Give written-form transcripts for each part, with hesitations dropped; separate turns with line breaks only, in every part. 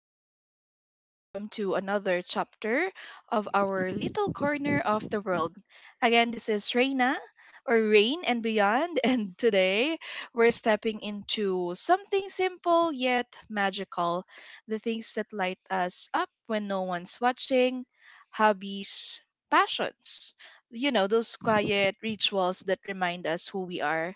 everyone, and welcome to another chapter of our little corner of the world. Again, this is Reina or Rain and Beyond, and today we're stepping into something simple yet magical, the things that light us up when no one's watching, hobbies, passions. You know, those quiet rituals that remind us who we are.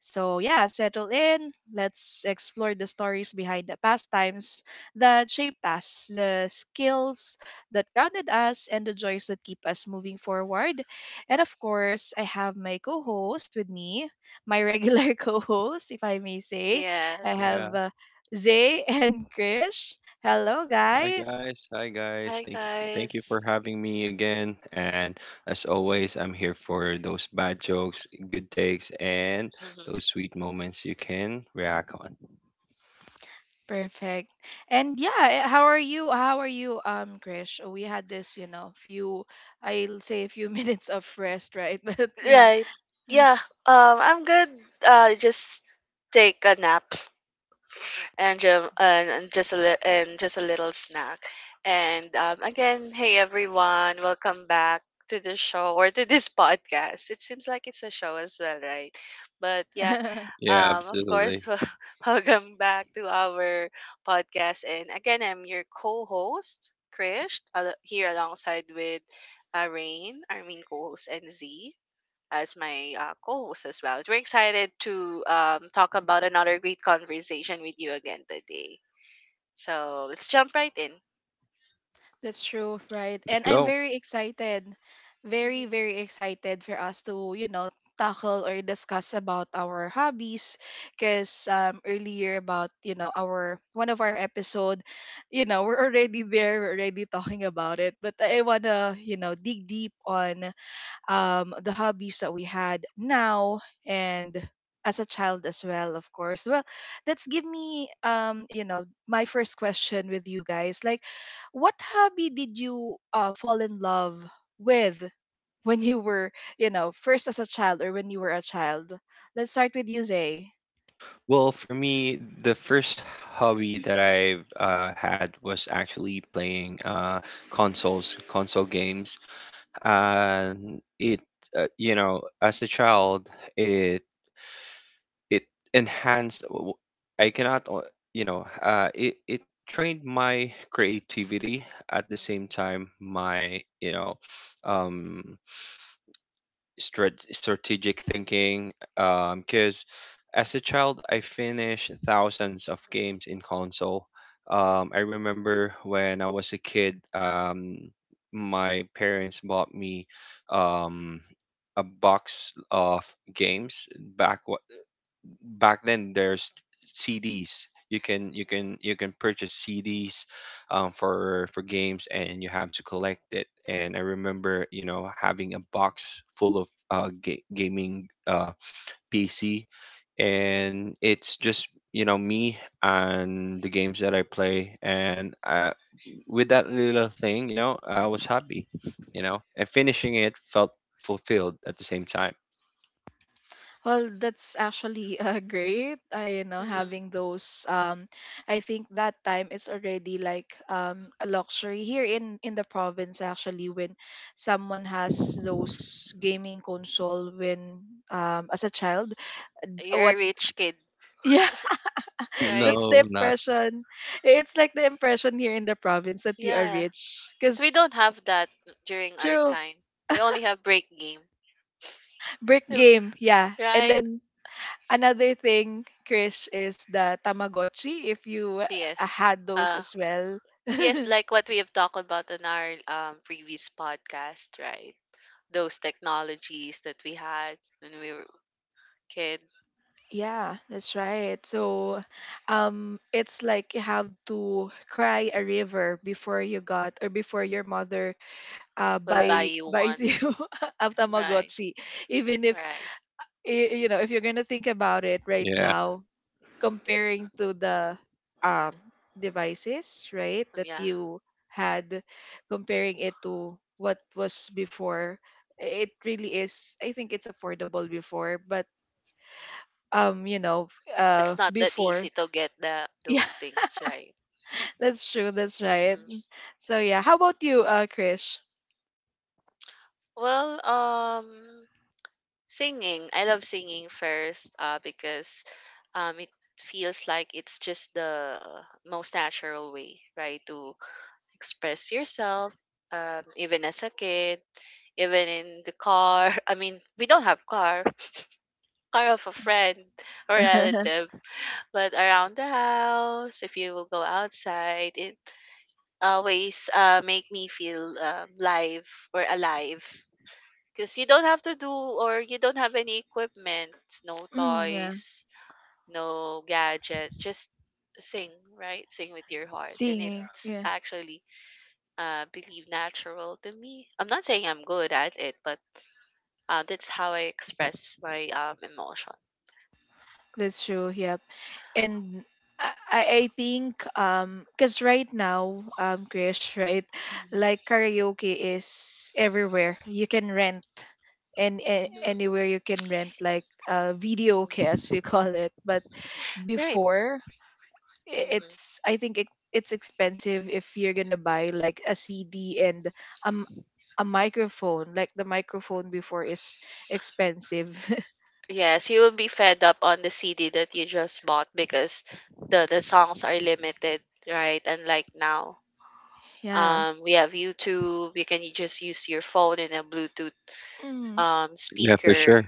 So, yeah, settle in. Let's explore the stories behind the pastimes that shaped us, the skills that grounded us, and the joys that keep us moving forward. And of course, I have my co host with me, my regular co host, if I may say. I
Yes.
Yeah.
have Zay and Krish. Hello,
Hi
guys.
guys. Hi guys.
Hi
Thank you
guys.
for having me again. And as always, I'm here for those bad jokes, good takes, and those sweet moments you can react on.
Perfect. And yeah, how are you? How are you, Krish? We had this, you know, few, I'll say a few minutes of rest, right? But yeah,
Right. Yeah. I'm good. Just take a nap and and just a little snack. And again, hey everyone, welcome back to the show or to this podcast. It seems like it's a show as well, right? But yeah,
Yeah,
Of
absolutely.
course, welcome back to our podcast. And again, I'm your co-host, Krish, here alongside with Rain, our main co-host, and Z as my co-host as well. We're excited to talk about another great conversation with you again today. So let's jump right in.
that's true, right?
Let's
And I'm
go.
very excited, very,
Mm-hmm.
very excited for us to, you know, tackle or discuss about our hobbies because earlier about, you know, our one of our episode, you know, we're already talking about it, but I want to, you know, dig deep on the hobbies that we had now and as a child as well, of course. Well, that's give me, you know, my first question with you guys. Like, what hobby did you fall in love with when you were, you know, first as a child or when you were a child? Let's start with you, Zay.
Well, for me, the first hobby that I've had was actually playing consoles, console games. And it, you know, as a child, it it enhanced w- I cannot o- you know it, it trained my creativity at the same time my um strategic thinking because as a child I finished thousands of games in console. I remember when I was a kid. My parents bought me um a box of games. back Back then there's CDs. You can purchase CDs for games, and you have to collect it. And I remember, you know, having a box full of gaming PC, and it's just, you know, me and the games that I play, and with that little thing, you know, I was happy, you know, and finishing it felt fulfilled at the same time.
Well, that's actually great. You know, having
Mm-hmm.
those. I think that time it's already like a luxury here in the province. Actually, when someone has those gaming console when as a child,
You're
what?
a rich kid,
Yeah,
right?
that's
No,
the
I'm not.
impression. It's like the impression here in the province that you are
Yeah,
rich.
because we
Cause
don't have that during our
true,
time. We only have break game,
brick game. Yeah, and
right?
then another thing, Krish, is the Tamagotchi, if you
Yes.
had those
Uh
as well.
yes, like what we have talked about in our previous podcast, right? Those technologies that we had when we were kid
Yeah, that's right. So, it's like you have to cry a river before you got or before your mother uh
will buy
buy
you one.
buys you a
Right.
Tamagotchi. Even if
Right.
you know, if you're gonna think about it right
Yeah,
now, comparing to the um devices, right, that
Yeah.
you had, comparing it to what was before, it really is. I think it's affordable before, but you know,
It's not that
before,
easy to get the
yeah,
those things, right?
that's true, that's right.
Mm.
So yeah, how about you, Krish?
Well, singing. I love singing first because it feels like it's just the most natural way, right, to express yourself, even as a kid, even in the car. I mean, we don't have car, car of a friend or relative, but around the house, if you will go outside, it always make me feel live or alive. Because you don't have to do or you don't have any equipment, no
Mm, yeah,
toys, no gadget, just sing, right? Sing with your heart. And
singing.
it's actually believe natural to me. I'm not saying I'm good at it, but that's how I express my emotion.
That's true. Yep. And I, I think, because right now, Krish, right?
Mhm.
Like karaoke is everywhere. You can rent and
Mhm.
anywhere you can rent like video okay, as
Mhm.
we call it. But
Right.
before,
Mhm.
it's, I think it's expensive if you're gonna buy like a CD and um a microphone. Like the microphone before is expensive.
Yes, you will be fed up on the CD that you just bought because the songs are limited, right? And like now,
Yeah.
we have YouTube. You can just use your phone and a Bluetooth
Mm,
yeah, for
speaker,
sure.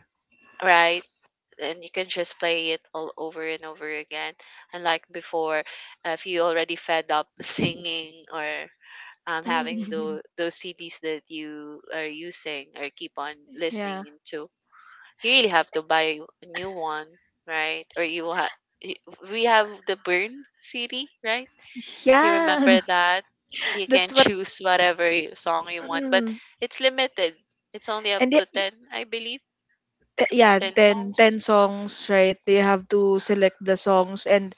right? And you can just play it all over and over again. Unlike before, if you already fed up singing or having
mm.
those CDs that you are using or keep on listening
Yeah.
into, you really have to buy a new one, right? Or you will y- we have the Burn CD, right? You
Yeah,
remember that? You can
that's what.
choose whatever song you want, but
Mm.
it's limited. It's only up
And y-
to
y-
10, I believe,
th- Yeah,
10
ten
songs.
ten songs, right? They have to select the songs, and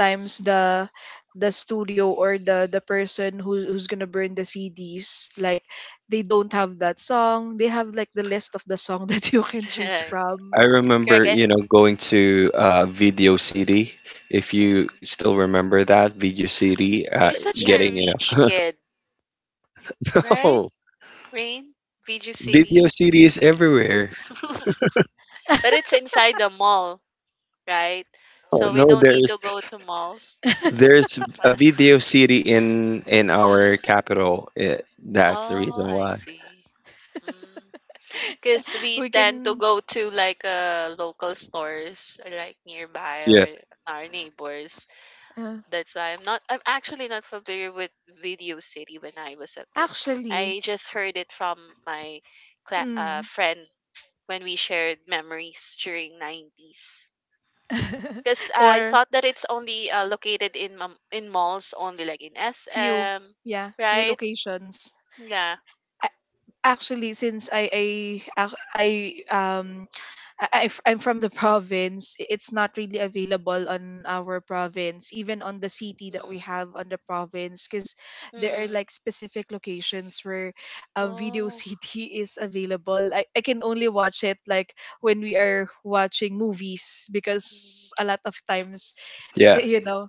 Mhm.
the studio or the person who, who's gonna burn the CDs, like they don't have that song. They have like the list of the song that you can choose
Right.
from.
I remember,
Correct.
you know, going to Video City, if you
And
still remember that. Video City,
you're such
Yeah,
getting,
a
you
rich
know,
kid, right?
oh,
Rain, Viju City.
Video City is everywhere.
But it's inside the mall, right?
Oh,
So we
no,
don't need to
there's
go to malls.
there's a
Well,
Video City in our capital. That's the
oh,
reason
I
why.
see. Because we
we
tend to
can
go to like local stores, or like nearby
Yeah,
or our neighbors.
uh,
That's why I'm not, I'm actually not familiar with Video City when I was a kid.
actually,
I just heard it from my cla
mm.
friend when we shared memories during 90s. Because I
Or
thought that it's only located in malls only, like in
few,
SM,
yeah, few
right?
locations.
Yeah.
Actually, since I ac- um I- I'm from the province, it's not really available on our province, even on the
Mm.
city that we have on the province, because there are
Mm.
like specific locations where Video
Oh.
City is available. I can only watch it like when we are watching movies,
Mm.
because a lot of times
yeah,
you know,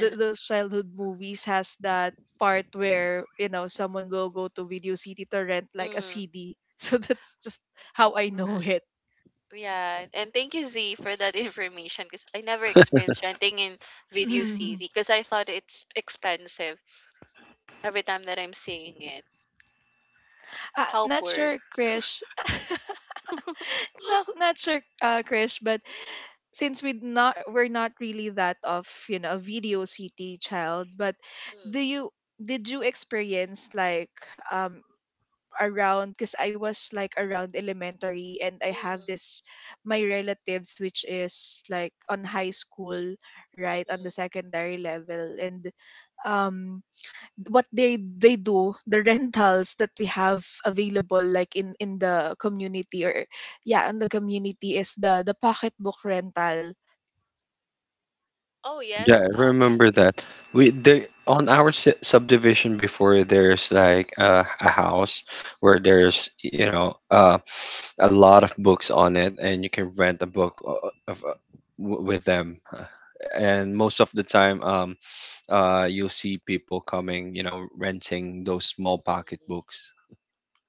those childhood movies has that part where, you know, someone will go to video city to rent like a
mm.
C D. So that's just how I know it.
Right. Yeah, and thank you Z for that information because I never experienced renting in Video
Uh,
City because I thought it's expensive every time that I'm seeing it. How
not
poor.
sure, Krish. No, not sure, Krish, but since we're not really that of, you know, a video city child, but do
Mm,
you, did you experience like um around, because I was like around elementary and I have
mhm,
this, my relatives which is like on high school, right, on
mm,
the secondary level, and um what they do the rentals that we have available like in the community. Or
mm.
yeah, in the community is the pocketbook rental.
Oh
yeah.
yes.
I
Yeah.
remember that. We
Yeah.
there on our su subdivision before, there's like a house where there's, you know, a lot of books on it, and you can rent a book of, uh, with them. And most of the time, you'll see people coming, you know, renting those small pocket
Mm,
books.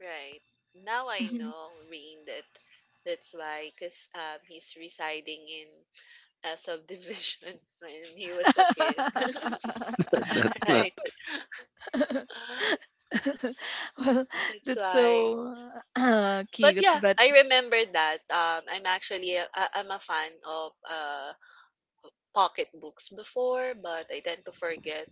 right. Now I
Mhm.
know, Rain, that that's why, because he's residing in a subdivision when he was a kid.
That's not
Right.
Well,
That's
that's
why.
so
But
cute,
yeah,
but
I remember that. I'm a fan of pocketbooks before, but I tend to forget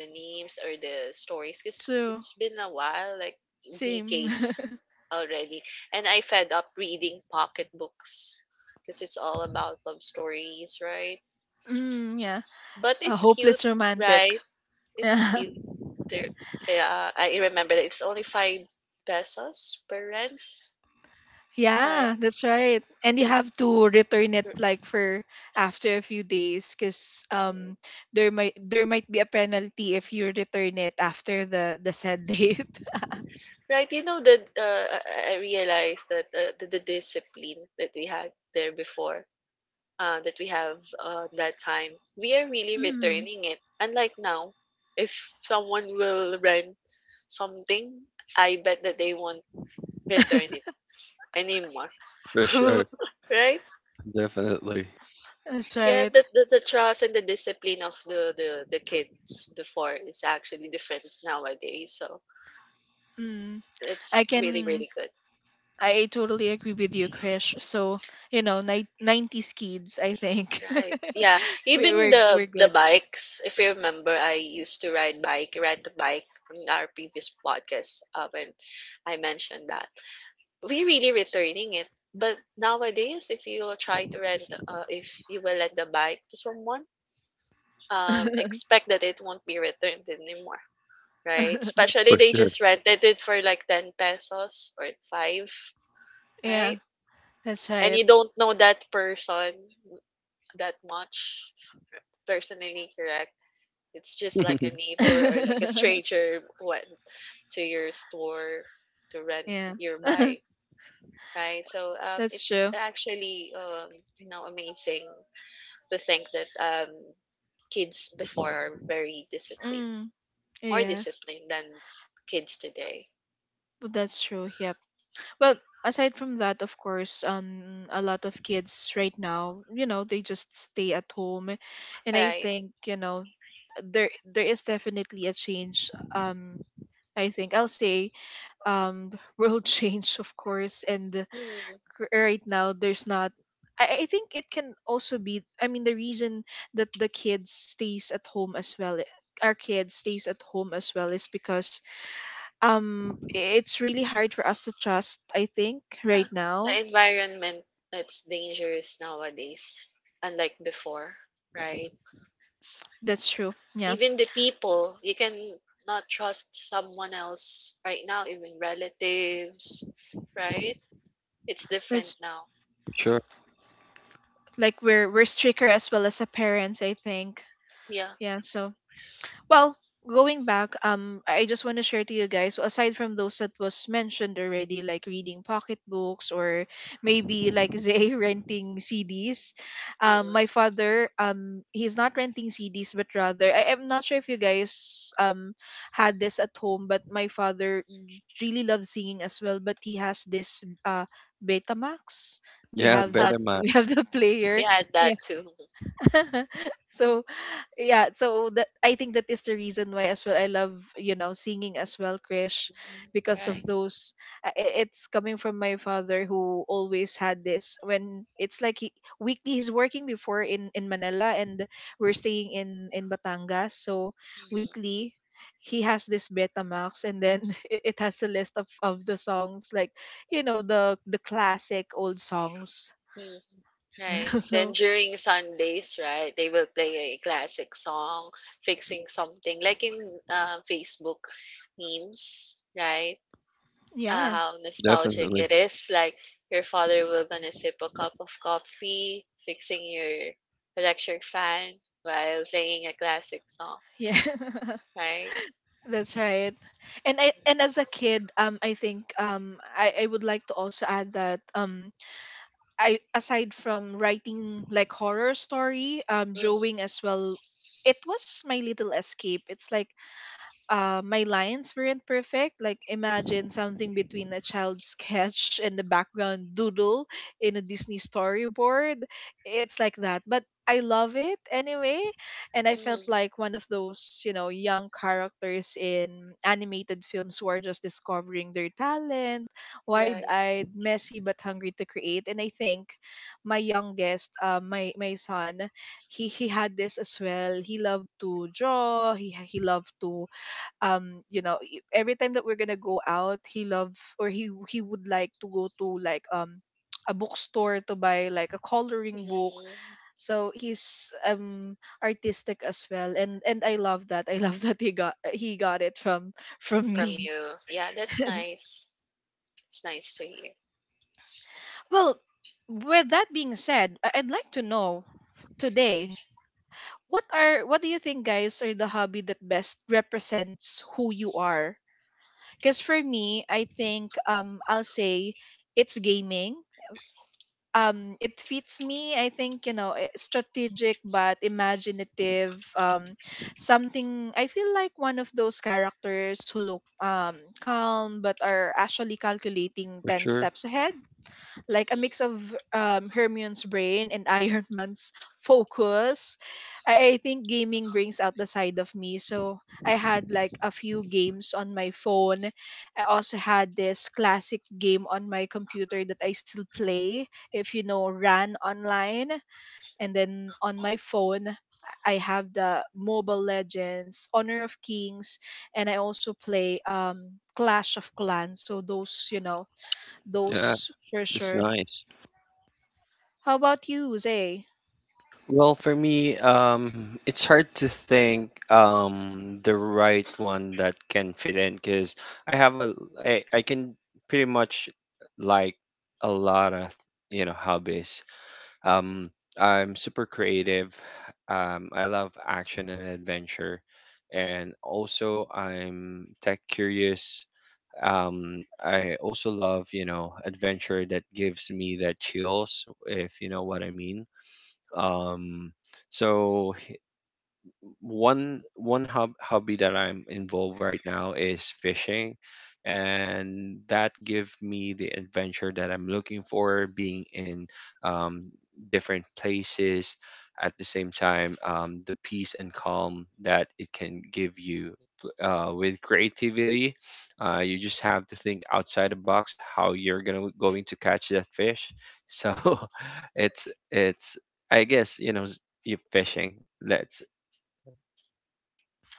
the names or the stories because
true.
it's been a while, like
Same.
decades already. And I fed up reading pocketbooks because it's all about love stories, right?
Mm, yeah.
But
A
it's cute,
hopeless romantic.
right? It's
Yeah.
cute. There, yeah, I remember that it's only 5 pesos per rent, right?
Yeah, that's right. And you have to return it
Mhm.
like for after a few days, cuz there might be a penalty if you return it after the said date.
Right, you know that I realized that the discipline that we had there before that time, we are really
Mm,
returning it. Unlike now, if someone will rent something, I bet that they won't return it anymore,
for sure,
right?
definitely
that's
Yeah,
right.
the trust and the discipline of the kids before is actually different nowadays. So
Mm.
it's
I
really,
can
really good.
I totally agree with you, Krish. So, you know, 90s kids, I think.
Right. Yeah.
We
Even
we're
the
we're
the
good.
bikes, if you remember, I used to ride bike, rent a bike in our previous podcast when I mentioned that. We really returning it. But nowadays, if you will try to rent, if you will let the bike to someone, expect that it won't be returned anymore, right? Especially
for
they
sure,
just rented it for like 10 pesos or 5,
Yeah,
right?
that's
And
right.
you don't know that person that much personally, correct? It's just like a neighbor or like a stranger went to your store to rent
Yeah.
your bike, right? So
That's
it's
true.
actually you know amazing to think that kids before are very disciplined,
Mm,
more
yes.
disciplined than kids today,
But that's true. Yep. Well, aside from that, of course, a lot of kids right now, you know, they just stay at home. And I
right?
think, you know, there is definitely a change. I think I'll say um world change, of course, and
Mm.
right now there's not, I think it can also be, I mean, the reason that the kids stays at home as well, our kid stays at home as well is because it's really hard for us to trust, I think,
Ah,
right
the
now.
environment it's dangerous nowadays, unlike before, right?
That's true, yeah.
Even the people you can not trust someone else right now, even relatives, right? It's different
That's
now.
for sure.
like we're stricter as well as a parents, I think.
Yeah.
Yeah, so well, going back, I just want to share to you guys. Aside from those that was mentioned already, like reading pocketbooks or maybe like Zay renting CDs.
Mm-mm.
My father, he's not renting CDs, but rather I am not sure if you guys had this at home, but my father really loves singing as well. But he has this Betamax. We
Yeah,
have that.
Oh
We
Betamax,
have the player.
yeah, that
Yeah.
too.
So yeah, so that, I think that is the reason why as well I love, you know, singing as well, Krish, because of
Right.
those, it's coming from my father, who always had this when it's like weekly he's working before in Manila, and we're staying in Batangas, so
Mm-hmm.
weekly he has this Betamax and then it has a list of the songs, like, you know, the classic old songs.
Mm, right, then
So
during Sundays, right, they will play a classic song fixing something like in Facebook memes, right?
yeah.
How nostalgic
definitely
it is. Like your father will gonna sip a cup of coffee, fixing your electric fan while playing a classic song,
Yeah.
right?
That's right. And I and as a kid, I think, I would like to also add that I aside from writing like horror story,
Mm-hmm,
drawing as well, it was my little escape. It's like my lines weren't perfect. Like imagine something between a child's sketch and the background doodle in a Disney storyboard. It's like that, but I love it anyway. And I felt
mm-hmm,
like one of those, you know, young characters in animated films who are just discovering their talent,
right.
wide-eyed, messy but hungry to create. And I think my youngest, my son, he had this as well. He loved to draw. He loved to, you know, every time that we're gonna go out he love, or he would like to go to like a bookstore to buy like a coloring book.
Mm,
So he's artistic as well, and I love that. I love that he got, he got it from
from
me.
you, yeah, that's nice. It's nice to hear.
Well, with that being said, I'd like to know today, what do you think, guys, are the hobby that best represents who you are? Because for me, I think, I'll say it's gaming. It fits me. I think, you know, strategic but imaginative. Something, I feel like one of those characters who look calm but are actually calculating
for
ten
sure.
steps ahead, like a mix of Hermione's brain and Iron Man's focus. I think gaming brings out the side of me. So I had like a few games on my phone. I also had this classic game on my computer that I still play. If you know, ran online. And then on my phone, I have the Mobile Legends, Honor of Kings, and I also play Clash of Clans. So those, you know,
Yeah,
those for
it's
sure.
nice.
How about you, Zay?
Well, for me, it's hard to think the right one that can fit in because I have a I can pretty much like a lot of, you know, hobbies. Um, I'm super creative. I love action and adventure, and also I'm tech curious. I also love, you know, adventure that gives me that chills, if you know what I mean. Um, so one hobby that I'm involved right now is fishing, and that give me the adventure that I'm looking for, being in um, different places. At the same time, the peace and calm that it can give you. With creativity, you just have to think outside the box how you're gonna going to catch that fish. So it's, I guess, you know, you fishing. Let's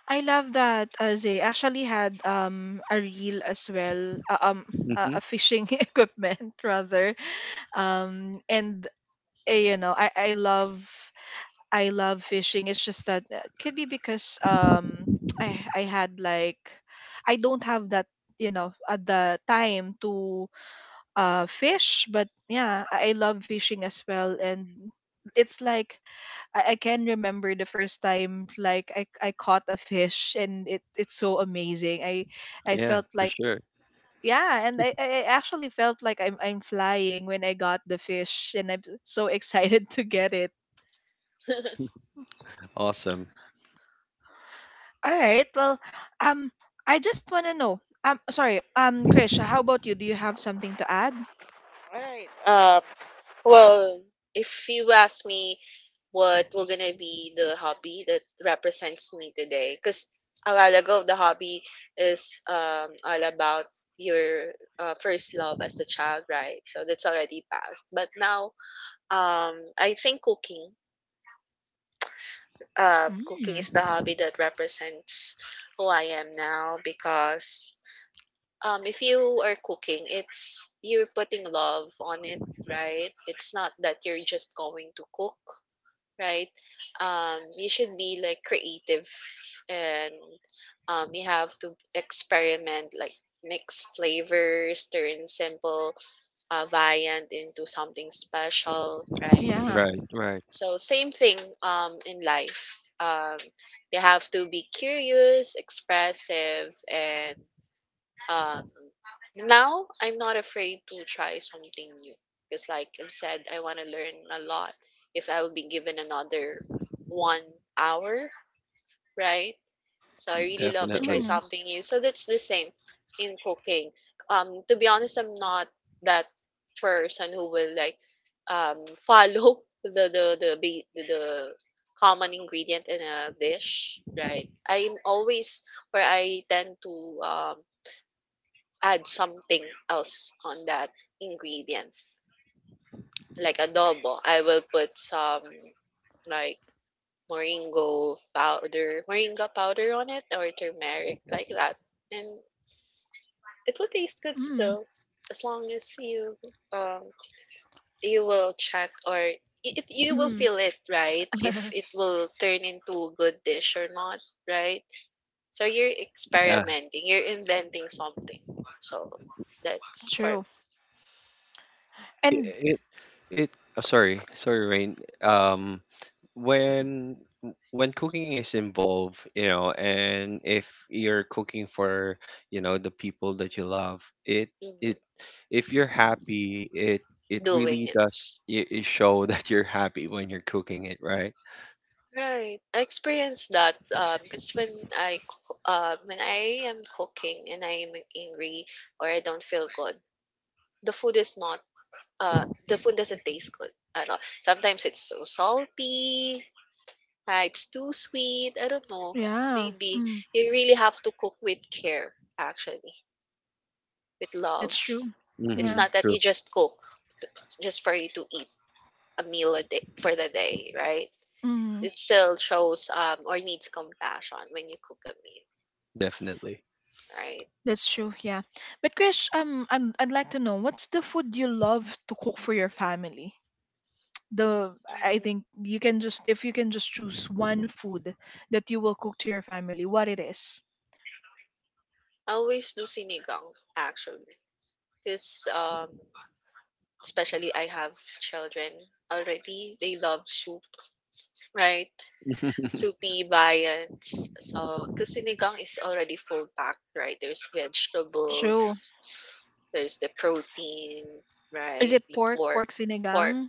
I love that, Zay actually had a reel as well,
hmm.
a fishing equipment rather, and you know, I love, I love fishing. It's just that could be because I had like I don't have that at the time to fish, but yeah, I love fishing as well, and it's like I can remember the first time like I caught a fish and it's so amazing. I
Yeah,
felt
for
like
sure.
yeah, and I actually felt like I'm flying when I got the fish and I'm so excited to get it.
Mhm.
Awesome.
All right. Well, um I just wanna know. Sorry, Krish, how about you? Do you have something to add?
All right. Well, if you ask me what will gonna be the hobby that represents me today, because a while ago the hobby is all about your first love as a child, right? So that's already passed. But now, um, I think cooking, cooking
Mm,
is the hobby that represents who I am now because. If you are cooking, it's you're putting love on it, right? It's not that you're just going to cook right? You should be like creative and you have to experiment, like mix flavors, turn simple viand into something special, right?
yeah.
Right, right.
So, same thing in life. Um, you have to be curious, expressive, and um, now I'm not afraid to try something new because, like I've said, I want to learn a lot. If I would be given another 1 hour, right? So I really love to try
Definitely.
Mm,
something new. So that's the same in cooking. To be honest, I'm not that person who will like um follow the common ingredient in a dish, right? I'm always where I tend to um add something else on that ingredient, like adobo. I will put some like moringa powder on it, or turmeric like that, and it will taste good
mm,
still, as long as you um you will check or if you will
mm.
feel it right if it will turn into a good dish or not, right? So you're
Yeah.
experimenting, you're inventing something so that's for
True.
It,
And
it, it Oh, sorry, sorry, Rain. Um, when cooking is involved, you know, and if you're cooking for, you know, the people that you love, it
mm,
it if you're happy, it
doing
really
it.
does it, it show that you're happy when you're cooking it, right?
Right. I experienced that because when I when I am cooking and I am angry or I don't feel good, the food is not the food doesn't taste good at all. Sometimes it's so salty, it's too sweet. I don't know.
yeah,
Maybe
mm,
you really have to cook with care, actually, with love.
that's true.
It's
Mm-hmm.
Yeah.
not that you
True.
just cook just for you to eat a meal a day for the day, right?
Mm.
It still shows or needs compassion when you cook a meal.
Definitely.
Right.
That's true, yeah. But Krish, I'd like to know, what's the food you love to cook for your family? The I think,
Hmm,
you can just if you can just choose one food that you will cook to your family, what it is.
I always do sinigang, actually. Because, especially I have children already. They love soup, right? Soupy viands. So, because sinigang is already full packed, right? There's
True.
vegetables, there's the protein,
Is
right?
it
The
pork?
pork,
Pork
pork,
sinigang?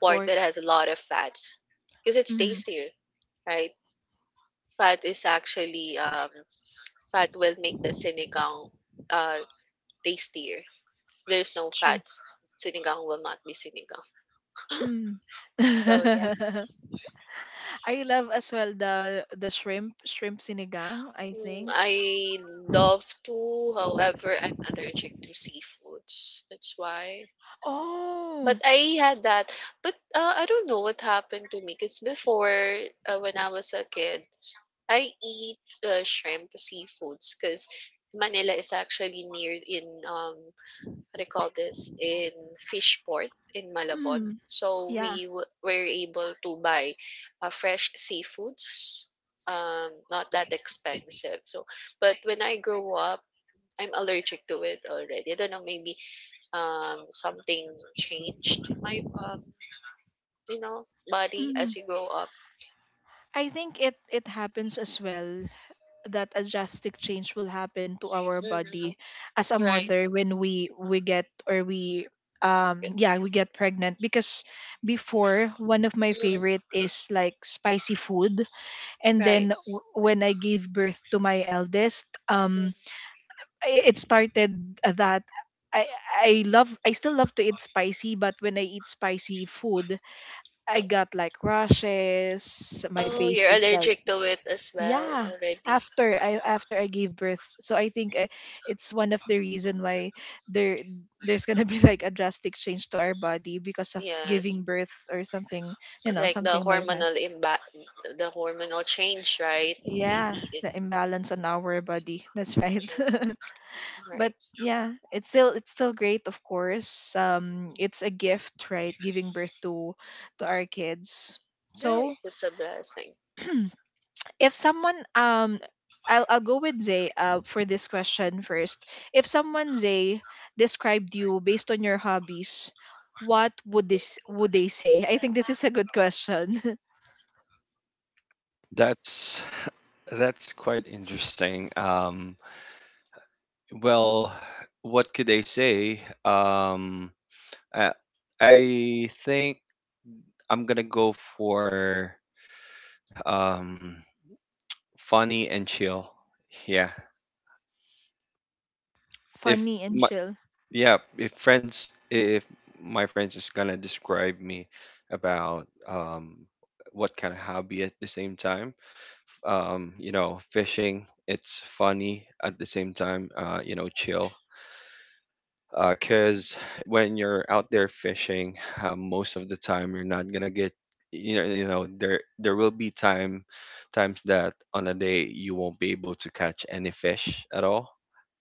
pork
Pork.
that has a lot of fats. Because it's
Mm,
tastier, right? Fat is actually, fat will make the sinigang, uh, tastier. There's no
true.
fats. Sinigang will not be sinigang.
Mm.
So yeah.
I love as well the shrimp sinigang, I
Mm,
think.
I love to, however, I'm allergic to seafoods. That's why. But
Oh,
I had that. But I don't know what happened to me because before, when I was a kid, I eat shrimp seafoods because Manila is actually near in what do you call this in Fishport in Malabon.
mm,
So
yeah.
we were able to buy fresh seafoods, not that expensive. So, but when I grew up, I'm allergic to it already. I don't know, maybe something changed my you know body as
Mm.
you grow up.
I think it happens as well that a drastic change will happen to our body
Mm-hmm.
as a
Right.
mother when we get, or we yeah, we get pregnant because before, one of my
Mm,
favorite is like spicy food, and
right.
then when I gave birth to my eldest,
Mhm.
it started that i I still love to eat spicy, but when I eat spicy food, I got like rashes, my
Oh, you're
face is like,
allergic to it as well
yeah,
already.
after I gave birth. So I think, it's one of the reason why there there's gonna be like a drastic change to our body because of
Yes.
giving birth or something,
Like the
something like that,
hormonal imba the hormonal change, right?
yeah,
Maybe it
the imbalance on our body, that's right.
right,
But yeah, it's still great, of course. It's a gift, right, giving birth to our kids.
right.
So
It's a blessing.
if someone I'll go with Zay for this question first. If someone, Zay, described you based on your hobbies, what would this would they say? I think this is a good question.
That's that's quite interesting. Well, what could I say? I, I think I'm gonna go for um, funny and chill. Yeah, if
Funny and
my
chill.
yeah, if my friends is gonna describe me about what kind of hobby at the same time, you know, fishing. It's funny at the same time, you know, chill because when you're out there fishing, most of the time you're not gonna get, you know, there there will be times that on a day you won't be able to catch any fish at all.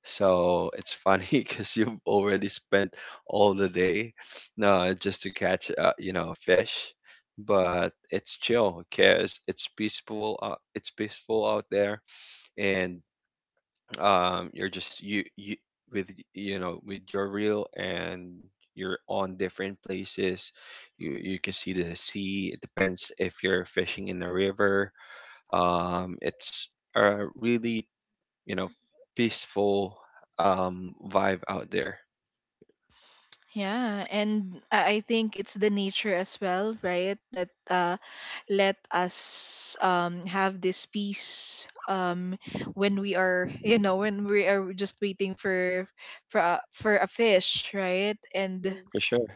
So it's funny because you've already spent all the day just to catch, you know, fish, but it's chill because it's peaceful. It's peaceful out there, and you're just you you with, you know, with your reel, and you're on different places. You you can see the sea. It depends if you're fishing in the river. It's a really, you know, peaceful vibe out there.
Yeah, and I think it's the nature as well, right? That let us have this peace, when we are, when we are just waiting for for a fish, right? And
Mm.
For sure.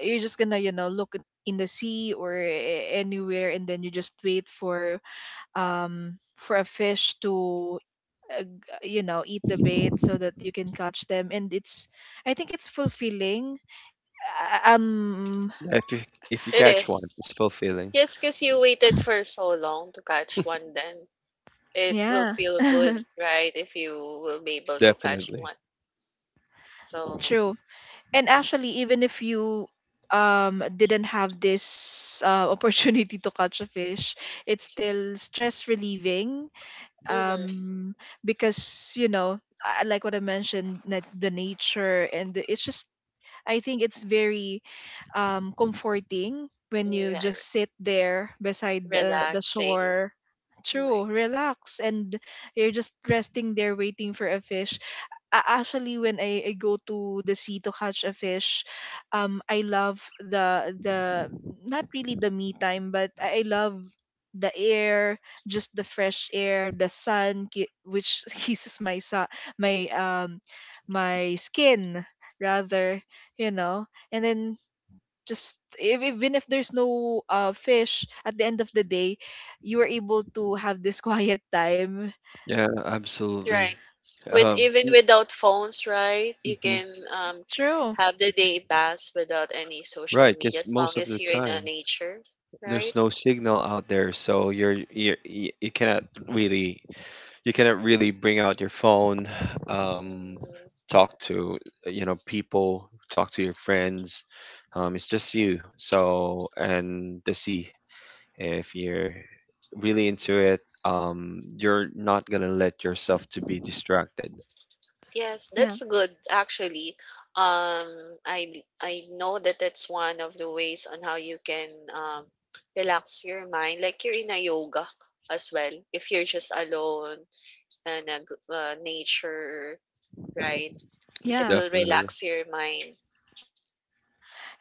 you're just gonna, look in the sea or anywhere, and then you just wait for a fish to, eat the bait so that you can catch them. And it's, I think it's fulfilling. uh, um
Yeah, if you, if you
It
catch one,
is.
it's fulfilling.
Yes, because you waited for so long to catch one then. It will
yeah.
feel good, right, if you will be able to catch
Definitely.
one. So,
True. And actually, even if you didn't have this opportunity to catch a fish, it's still stress relieving,
mm-hmm.
um because you know, I like what I mentioned, that the nature and the, it's just, I think it's very comforting when you just sit there beside the
Relaxing.
shore. True,
Right.
relax, and you're just resting there waiting for a fish. Actually, when I go to the sea to catch a fish, I love the, not really the me time, but I love the air, just the fresh air, the sun, which kisses my, my um my skin, rather, you know and then, just if, even if there's no fish at the end of the day, you are able to have this quiet time.
Yeah, absolutely.
Right. With
Um,
even
mm,
without phones, right? You
mhm.
can
True.
have the day pass without any social
Right,
media
because
as long
most of
as
the
you're in a
time
nature, right?
there's no signal out there, so you cannot really, you cannot really bring out your phone,
Mm,
um, talk to, you know, people, talk to your friends. It's just you. So, and the sea. If you're really into it, you're not gonna let yourself to be distracted.
yes,
Yeah.
that's good actually. Um, I I know that that's one of the ways on how you can relax your mind, like you're in a yoga as well. If you're just alone and nature, right? It
Yeah,
will
Definitely.
relax your mind.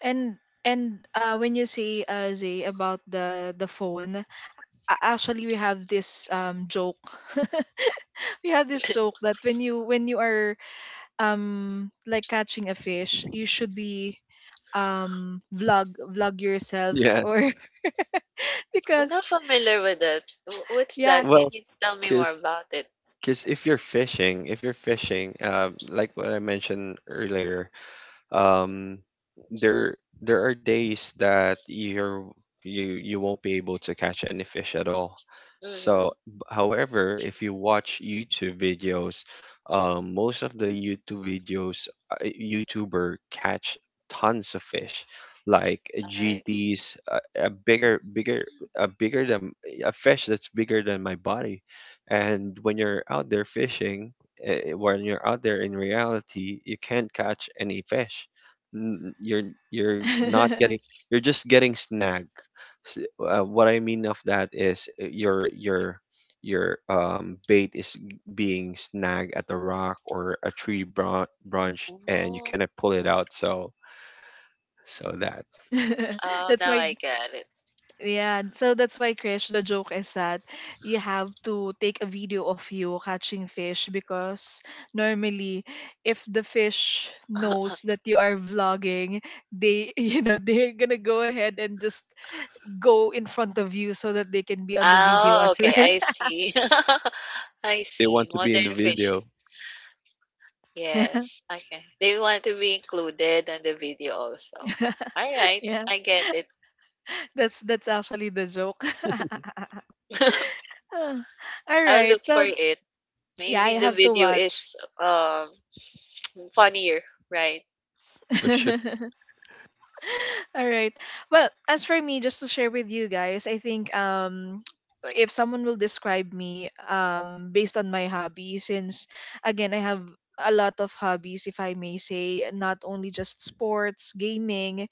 and and when you say, Zay, about the phone, actually, we have this joke. We have this joke that when you are like catching a fish, you should be vlog yourself,
Yeah.
or
I'm not
because
familiar with that. What's
yeah.
that? Can
Well,
you tell me more
because
about it?
cause if you're fishing, like what I mentioned earlier, um there there are days that you you won't be able to catch any fish at all. So
Mm-hmm.
however, if you watch YouTube videos, most of the YouTube videos, YouTuber catch tons of fish, like
All right.
gts a bigger, a bigger than a fish that's bigger than my body. And when you're out there fishing, when you're out there in reality, you can't catch any fish. N- You're you're not getting, you're just getting snagged. What I mean of that is your bait is being snagged at a rock or a tree branch, and you
Oh,
cannot pull it out. So, so that
oh,
That's
now
why,
I get it.
yeah, so that's why, Krish, the joke is that you have to take a video of you catching fish, because normally, if the fish knows that you are vlogging, they they're gonna go ahead and just go in front of you so that they can be on the video
Oh,
as
okay.
well.
I see. I
they
see.
want to be in the
Modern fish.
video.
Yes. Okay. They want to be included on the video also. All right.
Yeah,
I get it.
that's actually the joke. Ah, all
I'll
right,
look for
well,
it.
yeah,
Maybe
you
the
have to
video
watch.
is funnier, right?
For sure,
All right. Well, as for me, just to share with you guys, I think, if someone will describe me based on my hobby, since again I have a lot of hobbies, if I may say, not only just sports, gaming,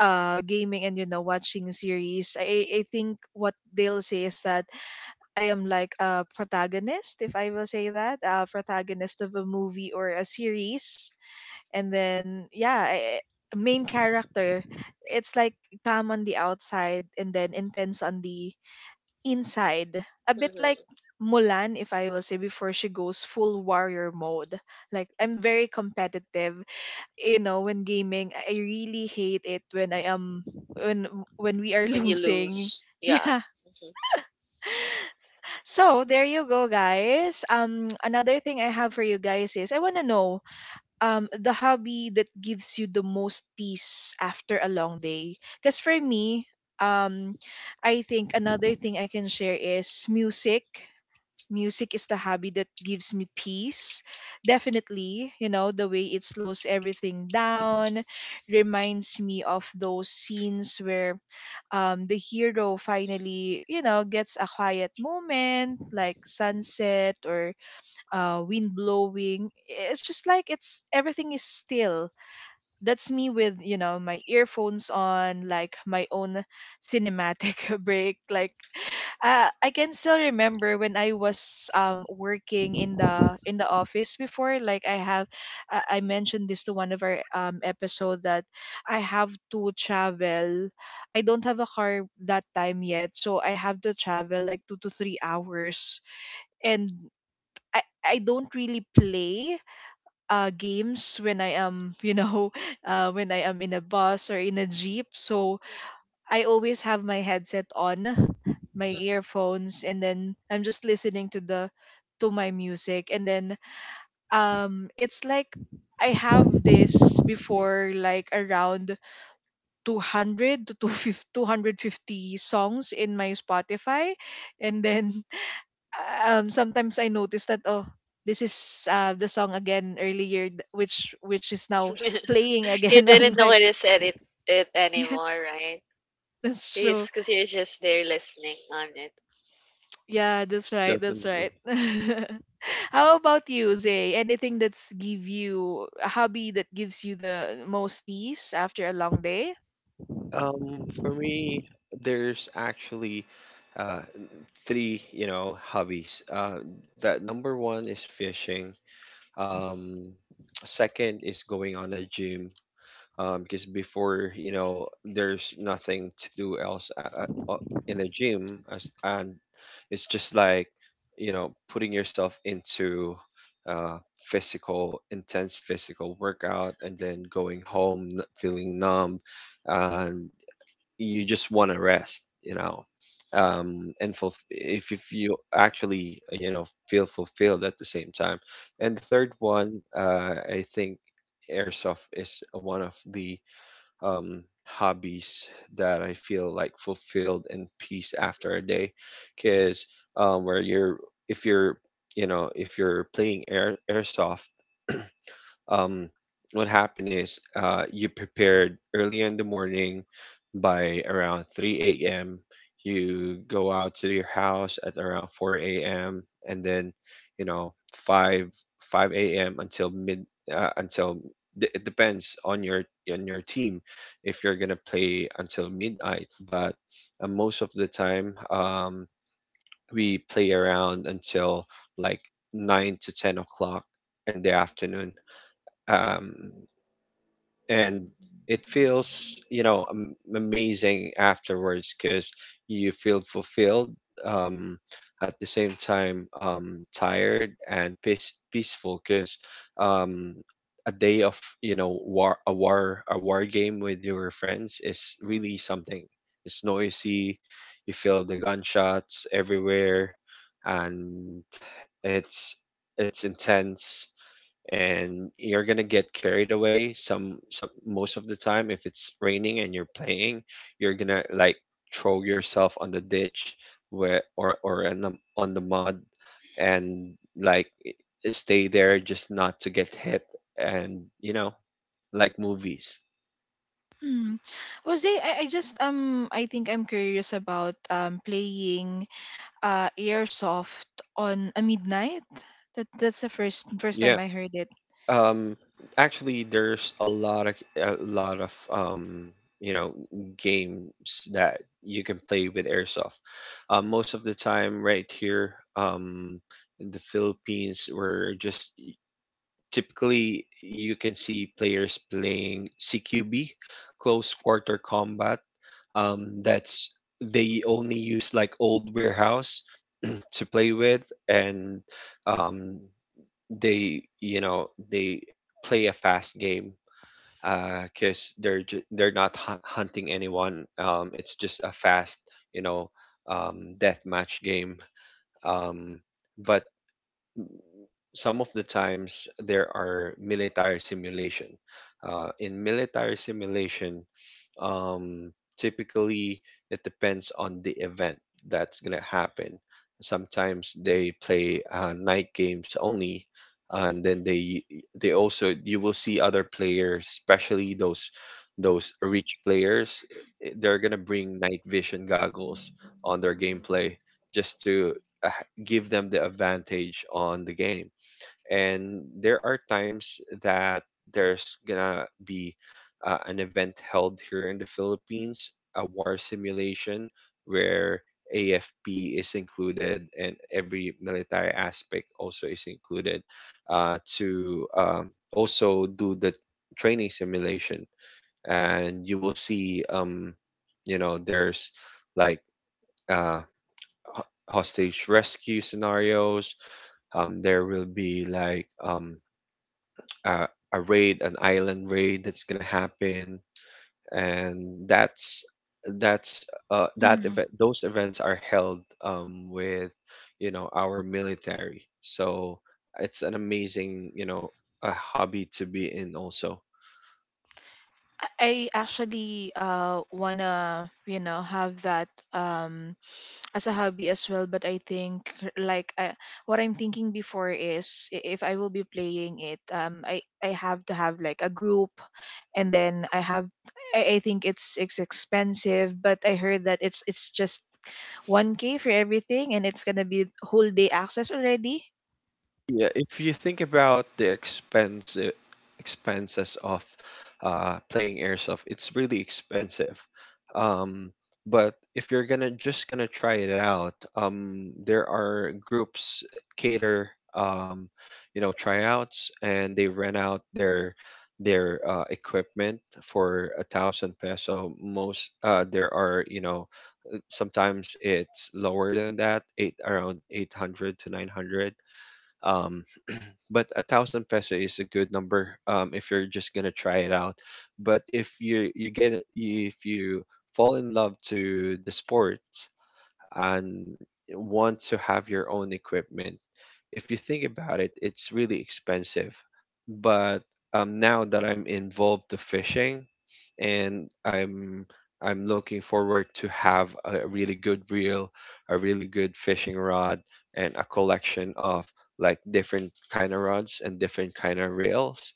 uh gaming and watching series. I think what they'll say is that I am like a protagonist, if I will say that, a protagonist of a movie or a series, and then yeah, the main character. It's like calm on the outside and then intense on the inside, a bit like
Mm-hmm.
Mulan, if I will say, before she goes full warrior mode. Like I'm very competitive, when gaming. I really hate it when I am when when we are
When you
losing.
lose. Yeah.
Yeah. So there you go, guys. Another thing I have for you guys is, I want to know the hobby that gives you the most peace after a long day. Because for me, um I think another thing I can share is music. Music is the hobby that gives me peace, definitely. The way it slows everything down reminds me of those scenes where the hero finally, gets a quiet moment, like sunset or wind blowing. It's just like, it's everything is still. That's me with my earphones on, like my own cinematic break. Like, I can still remember when I was working in the office before. Like, I have, I mentioned this to one of our episode, that I have to travel. I don't have a car that time yet, so I have to travel like 2 to 3 hours, and I don't really play games when I am, when I am in a bus or in a jeep. So I always have my headset on, my
Mhm.
earphones, and then I'm just listening to my music. And then, it's like I have this before, like around 200 to 250 songs in my Spotify. And then, sometimes I notice that, oh, this is the song again, earlier, which is now playing
You
again on
didn't
my.
notice edit it
Yeah,
anymore, right?
that's true.
Yes, because you're just there listening on it.
Yeah, that's right, that's
definitely.
right. How about you, Zay? Anything that's give you, a hobby that gives you the most peace after a long day?
For me, there's actually uh, three, you know, hobbies. That number one is fishing. Um, second is going on a gym. Because before, you know, there's nothing to do else in the gym, as and it's just like, you know, putting yourself into physical, intense physical workout, and then going home feeling numb. And you just want to rest, you know, and fulf, if you actually, you know, feel fulfilled at the same time. And the third one, I think airsoft is one of the hobbies that I feel like fulfilled and peace after a day, because where you're if you're, you know, if you're playing airsoft, um, what happened is, you prepared early in the morning by around 3 a.m. You go out to your house at around 4 a.m. and then, you know, 5 5 a.m. until mid, until it depends on your team if you're gonna play until midnight. But most of the time, we play around until like 9 to 10 o'clock in the afternoon. um, and it feels, you know, amazing afterwards because you feel fulfilled, um, at the same time tired and peaceful, because um, a day of, you know, war, a war game with your friends is really something. It's noisy, you feel the gunshots everywhere, and it's it's intense, and you're gonna get carried away some most of the time. If it's raining and you're playing, you're gonna like throw yourself on the ditch where, or on the mud, and like stay there just not to get hit. And, you know, like movies.
Hmm. Well, Zay, I think I'm curious about playing Airsoft on a midnight. That's the first
Yeah.
time I heard it.
Um, actually, there's a lot of, a lot of, you know, games that you can play with airsoft. Most of the time, right here, um, in the Philippines, we're just typically you can see players playing CQB, close quarter combat. That's they only use like old warehouse to play with. And um, they, you know, they play a fast game because they're they're not hunting anyone. It's just a fast, you know, death match game. Um, but some of the times there are military simulation. In military simulation, um, typically it depends on the event that's gonna happen. Sometimes they play night games only, and then they also, you will see other players, especially those rich players, they're gonna bring night vision goggles on their gameplay just to uh, give them the advantage on the game. And there are times that there's gonna be an event held here in the Philippines, a war simulation where AFP is included, and every military aspect also is included to also do the training simulation. And you will see, you know, there's like uh, hostage rescue scenarios. There will be like uh, a raid, an island raid that's gonna happen, and that's that's, that
Mm.
event. Those events are held with, you know, our military, so it's an amazing, you know, a hobby to be in also.
I actually wanna, have that as a hobby as well, but I think, like, what I'm thinking before is, if I will be playing it, I have to have like a group, and then I think it's expensive, but I heard that it's just 1K for everything, and it's gonna be whole day access already.
Yeah, if you think about the expenses of playing airsoft, it's really expensive. Um, but if you're gonna try it out, there are groups cater, um, you know, tryouts, and they rent out their equipment for 1,000 peso. Most there are, sometimes it's lower than that, 800 to 900. Um, but 1,000 peso is a good number if you're just gonna try it out. But if you fall in love to the sports and want to have your own equipment. If you think about it, it's really expensive. But now that I'm involved to fishing, and I'm looking forward to have a really good reel, a really good fishing rod, and a collection of like different kind of rods and different kind of reels.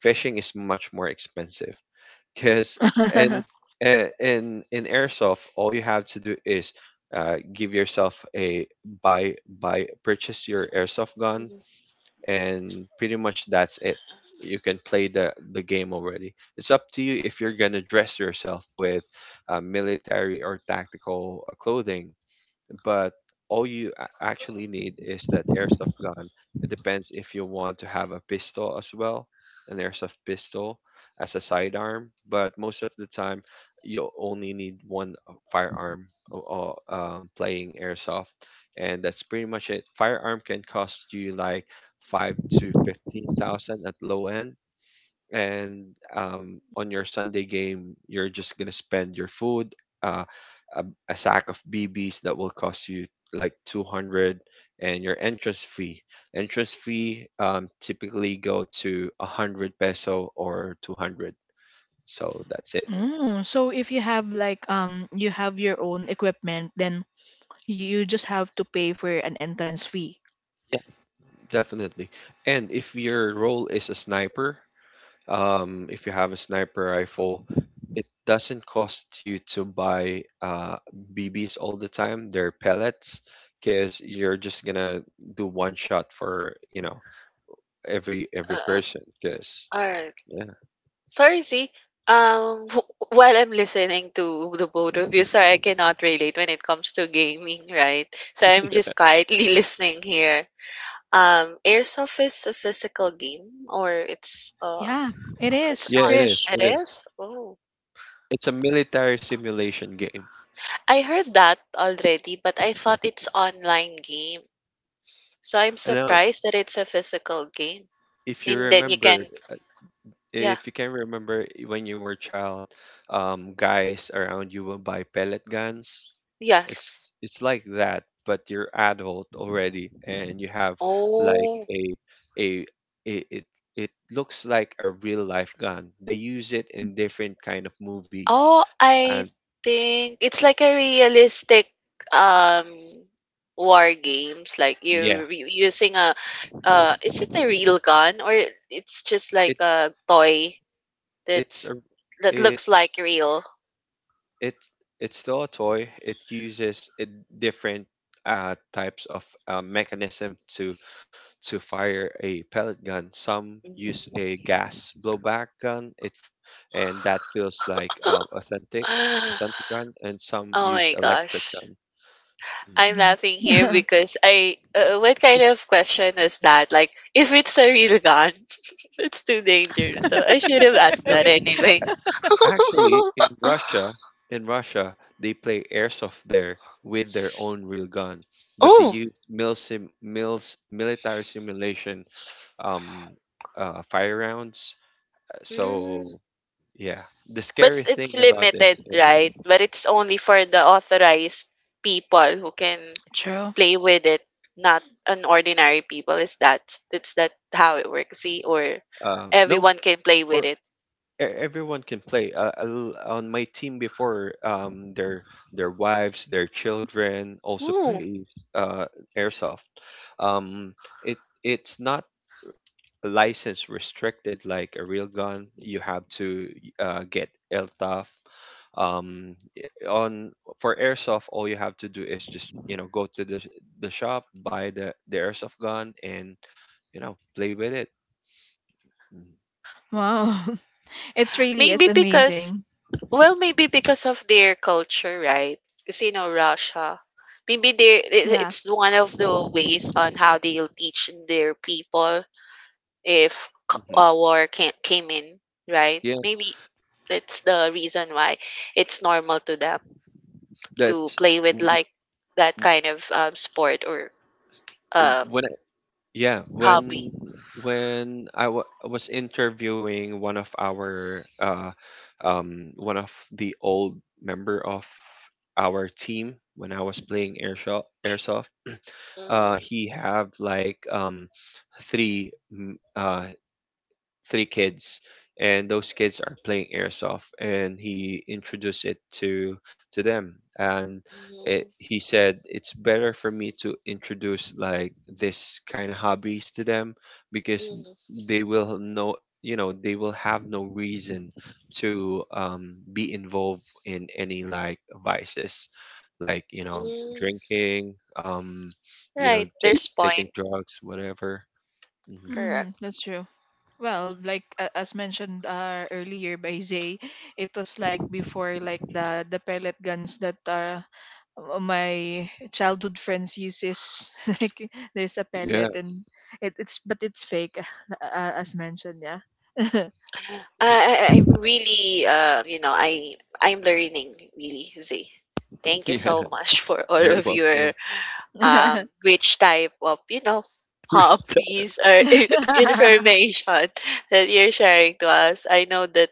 Fishing is much more expensive, because in in airsoft, all you have to do is give yourself a buy buy purchase your airsoft gun, and pretty much that's it. You can play the game already. It's up to you if you're gonna dress yourself with military or tactical clothing, but all you actually need is that airsoft gun. It depends if you want to have a pistol as well, an airsoft pistol as a sidearm, but most of the time you only need one firearm or playing airsoft, and that's pretty much it. Firearm can cost you like five to fifteen thousand at low end, and on your Sunday game, you're just gonna spend your food, uh, a, a sack of BBs that will cost you like 200, and your entrance fee. Entrance fee typically go to 100 peso or 200. So that's it,
Mm, so if you have your own equipment, then you just have to pay for an entrance fee.
definitely. And if your role is a sniper, if you have a sniper rifle, it doesn't cost you to buy BBs all the time. They're pellets, because you're just gonna do one shot for every
Uh, uh,
person. Because
alright.
yeah,
Sorry, see. Um, while I'm listening to the both of you, sorry, I cannot relate when it comes to gaming, right? So I'm just quietly listening here. Airsoft is a physical game, or
Yeah, it
it's
is,
yeah,
on.
it is,
Krish.
It
it
is.
is.
Oh,
It's a military simulation game.
I heard that already, but I thought it's online game. So I'm
I know.
surprised that it's a physical game,
If you
and then you can
remember, uh,
yeah,
if you can remember when you were a child, guys around you will buy pellet guns. It's
yes.
it's like that, but you're adult already, and you have like
Oh,
a, a, it looks like a real life gun. They use it in different kind of movies,
oh, I
and
think it's like a realistic um war games. Like
yeah,
you're re- using a is it a real gun or it's just like a
it's
toy
it's
that's
a
that looks like
it's
real?
it's it's still a toy. It uses a different types of mechanism to fire a pellet gun. Some use
Mm.
a gas blowback gun. And that feels like authentic gun. And some
Oh
use
my
electric
gosh.
gun. Mm,
I'm
Mm.
laughing here because I. What kind of question is that? Like, if it's a real gun, it's too dangerous. So I should have
that-
asked
no,
that anyway.
actually, In Russia, they play airsoft there with their own real gun, but they
Oh,
use military simulation um, fire rounds.
mm.
So yeah, the
But
scary
it's
thing about
limited,
this, if
right? But it's only for the authorized people who can
True.
play with it, not an ordinary people. Is that? It's that how it works? See, or
no,
everyone can play with
for
it.
everyone can play on my team before their wives, their children also
Oh,
plays airsoft. Um it it's not license restricted like a real gun. You have to get LTAF. I- on for airsoft, all you have to do is just go to the the shop, buy the airsoft gun, and play with it.
Wow. It's really, it's
maybe because
amazing.
well, maybe because of their culture, right? Because you know Russia, maybe
Yeah.
it's one of the ways on how they'll teach their people if
Mhm.
a war can, came in, right?
yeah
Maybe it's the reason why it's normal to them to
that's
play with
w-
like that kind of sport or
w-
um
when Yeah,
hobby.
when I wa was interviewing one of our one of the old member of our team when I was playing airsoft,
Mm.
he have like three mm, uh three kids, and those kids are playing airsoft, and he introduced it to them, and
Mhm.
he said it's better for me to introduce like this kind of hobbies to them because
Mhm.
they will know, they will have no reason to be involved in any like vices like
Mm.
drinking,
Right, there's
taking
point.
drugs whatever. Hmm.
Mm, that's true. Well, like, as mentioned earlier by Zay, it was like before, like the pellet guns that my childhood friends uses, like there's a
Yeah.
pellet, and it's but it's fake, as mentioned, yeah.
I'm really you know I'm learning really Z. Thank you so
Yeah,
much for all
you're
of your
welcome.
rich type of you know
Rich dad.
hobbies or information that you're sharing to us. I know that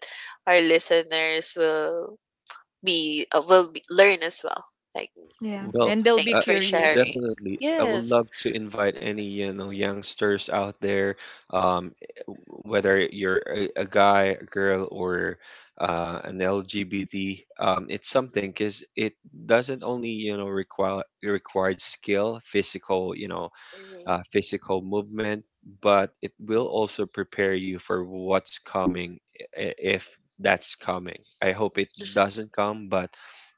our listeners will be, learn as well. Like
Yeah,
Well,
and they'll be
uh,
thanks for
curious.
sharing.
definitely. I would
Yes.
love to invite any, youngsters out there, um, whether you're a guy, a girl, or an LGBT. It's something because it doesn't only, required skill, physical,
Mhm.
physical movement, but it will
Mhm.
also prepare you for what's coming if that's coming. I hope it doesn't come, but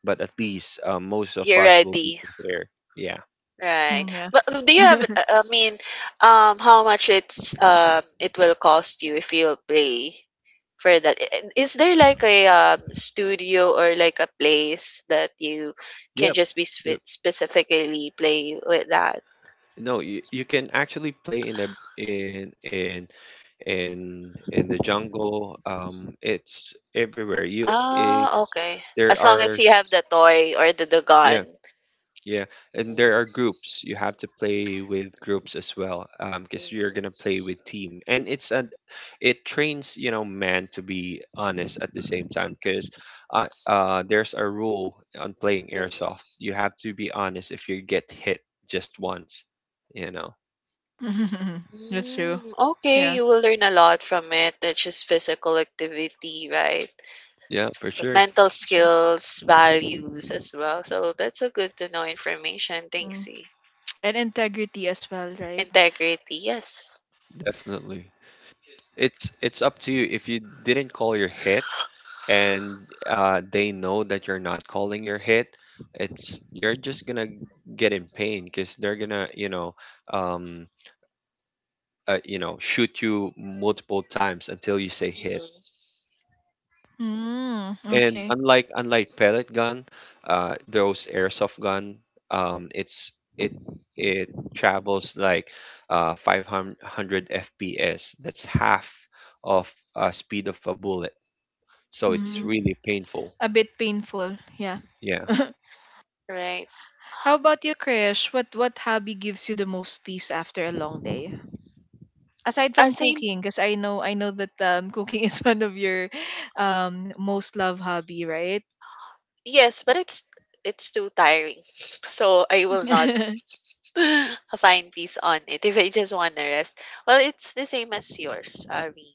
at least most of
You're
us will be
ready.
prepared. Yeah.
Right.
Mm, yeah.
But do you have, I mean, how much it will cost you if you play for that? Is there like a studio or like a place that you can
Yep.
just be
Yep.
specifically play with that?
No, you can actually play in in in the jungle. It's everywhere. You
Ah,
it's
okay.
there
As long
are
as you have
s-
the toy or the gun.
Yeah, yeah, and there are
Mm,
groups. You have to play with groups as well, because you're gonna play with team, and it trains man to be honest at the same time, because there's a rule on playing airsoft.
mhm.
You have to be honest if you get hit just once, you know.
That's true.
Mm, okay,
Yeah.
you will learn a lot from it. It's just physical activity, right?
Yeah, for sure,
Mental
That's true.
skills, values as well. So that's a good to know information.
Mm.
Thanks. E.
And integrity as well, right?
Integrity, yes.
definitely. It's up to you. If you didn't call your hit and they know that you're not calling your hit, it's you're just gonna get in pain because they're gonna um, shoot you multiple times until you say hit.
Mm-hmm.
Mm,
And
okay.
unlike pellet gun, those airsoft gun, um, it's it it travels like 500 FPS. That's half of speed of a bullet. So it's
Mm,
Mm-hmm.
really painful.
a bit painful. Yeah.
Yeah,
Right.
How about you, Krish? What hobby gives you the most peace after a long day? Aside from
Same.
cooking, because I know that, cooking is one of your most loved hobby, right?
Yes, but it's too tiring. So I will not find peace on it if I just want to rest. Well, it's the same as yours, Avi.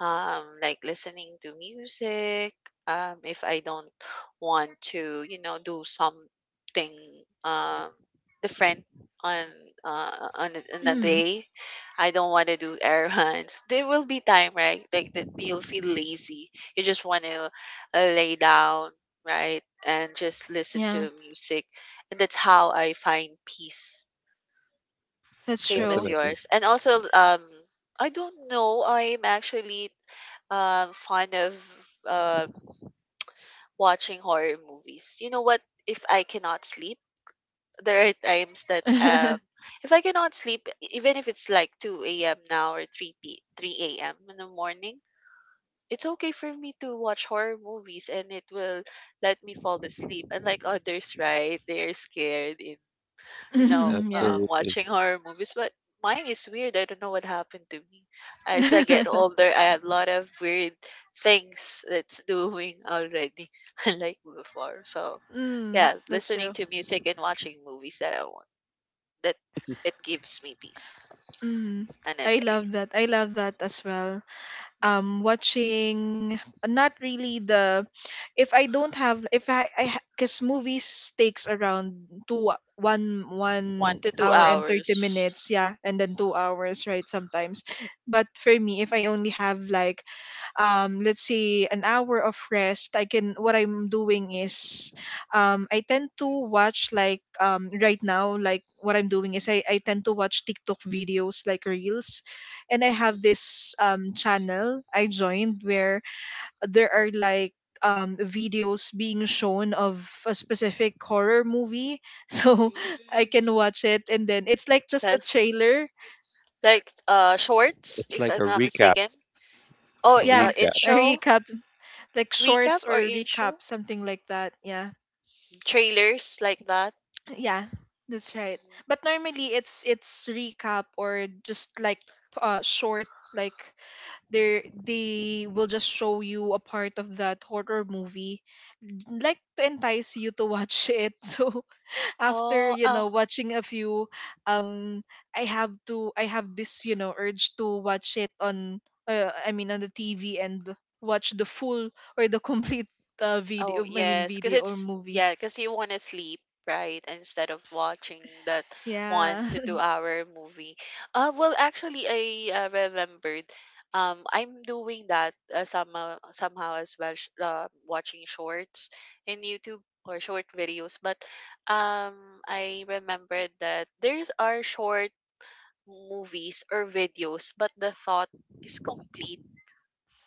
Like listening to music. If I don't want to, you know, do something um, different on on a
Mm,
day, I don't want to do errands. There will be time, right? Like that, you'll feel lazy. You just want to lay down, right, and just listen
yeah,
to music, and that's how I find peace.
that's
Same as
true.
definitely.
yours, and also I don't know. I'm actually fond of uh, watching horror movies. You know what? If I cannot sleep, there are times that if I cannot sleep, even if it's like two a.m. now or three p three a.m. in the morning, it's okay for me to watch horror movies, and it will let me fall asleep. Unlike others, right? They are scared in you know,
Mm, yeah.
Absolutely.
watching horror movies, but mine is weird. I don't know what happened to me. As I get older, I have a lot of weird things that's doing already, unlike before. So,
Mm,
yeah,
that's
listening
true.
to music and watching movies that I want, that it gives me peace
Mm,
on a
I
day.
love that. I love that as well.
Mm.
Watching, not really the, if I don't have, if I I because movies takes around two one
One
one
to two
hour and thirty
hours.
minutes yeah, and then 2 hours, right, sometimes. But for me, if I only have like, let's say an hour of rest, I can what I'm doing is, I tend to watch, like, right now, like what I'm doing is, I tend to watch TikTok videos like reels. And I have this channel I joined, where there are like videos being shown of a specific horror movie. So I
Mm,
can watch it, and then it's like just a
that's
trailer,
like shorts,
It's
if
like
I'm
a
not
recap,
mistaken. Oh,
a
yeah,
recap.
a
intro
recap, like
recap
shorts
or
or recap,
intro
something like that, yeah.
trailers like that.
Yeah, that's right.
Mhm.
But normally it's recap or just like short, like they will just show you a part of that horror movie, like to entice you to watch it. So after,
Oh,
you
oh,
know, watching a few, um I have to, I have this, you know, urge to watch it on, I mean on the TV, and watch the full or the complete video,
oh,
I mean
yes, because
video or
it's
movie.
yeah, because you want to sleep, right? Instead of watching that one
Yeah.
to two hour movie. Well, actually, I remembered. I'm doing that somehow as well, watching shorts in YouTube or short videos. But um, I remembered that there's are short movies or videos, but the thought is complete.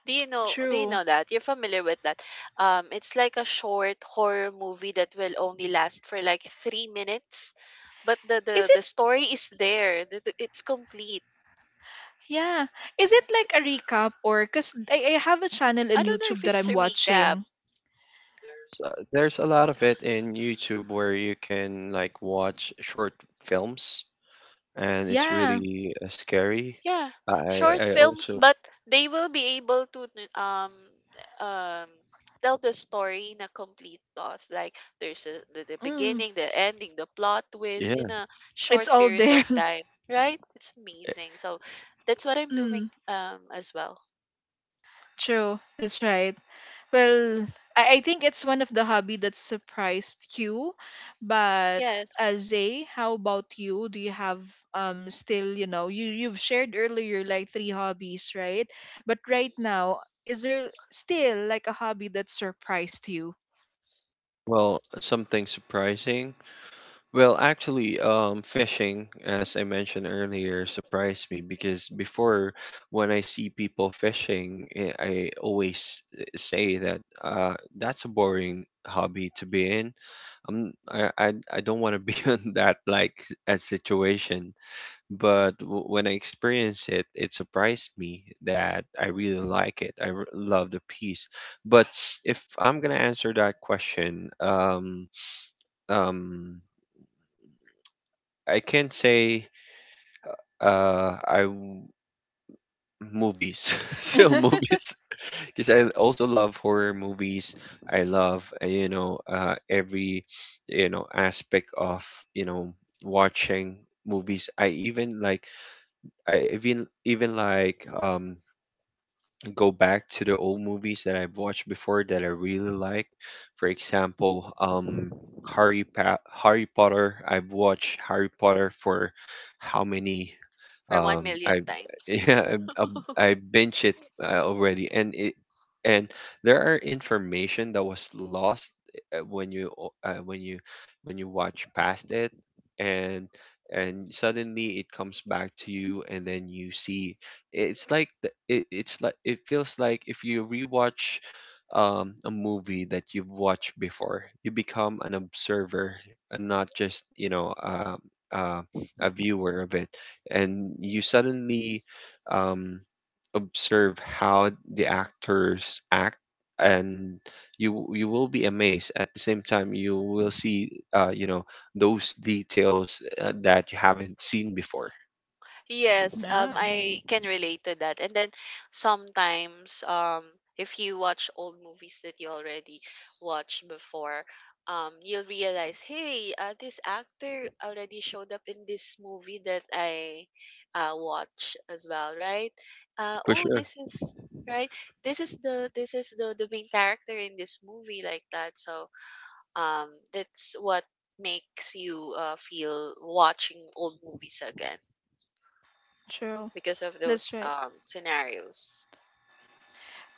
Do you
True.
know that? You're familiar with that. It's like a short horror movie that will only last for like 3 minutes, but
Is it?
the story is there. It's complete.
Yeah. Is it like a recap? Or because I have a channel
I
in
don't know
YouTube
if
that
it's
I'm
a recap.
watching.
So there's a lot of it in YouTube where you can like watch short films, and it's
Yeah.
really scary.
Yeah,
I
short
I
films,
also,
but they will be able to um tell the story in a complete plot. Like there's the
Mm.
beginning, the ending, the plot twist in
yeah.
a
It's
short
all
period
there.
of time, right? It's amazing. So that's what I'm doing
Mm.
as well.
True. That's right.
Mhm.
Well, I think it's one of the hobby that surprised you. But
Yes,
Zay, how about you? Do you have still, you know, you've shared earlier like three hobbies, right? But right now, is there still like a hobby that surprised you?
Well, something surprising. Well, actually, fishing, as I mentioned earlier, surprised me because before, when I see people fishing, I always say that that's a boring hobby to be in. I don't want to be in that like a situation. But w when I experience it, it surprised me that I really like it. I r love the piece. But if I'm gonna answer that question, um, I can't say uh I w- movies. Still movies. Because I also love horror movies. I love every aspect of you know watching movies. I even like go back to the old movies that I've watched before that I really like, for example, Harry Potter. I've watched Harry Potter for how many.
for one million
I
times.
yeah, I binge it already, and there are information that was lost when you when you watch past it, and suddenly it comes back to you, and then you see it's like it's like it feels like if you rewatch a movie that you've watched before, you become an observer and not just uh, a viewer of it, and you suddenly um, observe how the actors act, and you will be amazed. At the same time you will see those details that you haven't seen before.
Yes,
Yeah,
I can relate to that. And then sometimes, if you watch old movies that you already watched before, you'll realize, hey, this actor already showed up in this movie that I watch as well, right?
For
Oh,
sure.
this is right. This is the main character in this movie like that. So, um, that's what makes you feel watching old movies again
true.
because of
That's
those
right.
scenarios.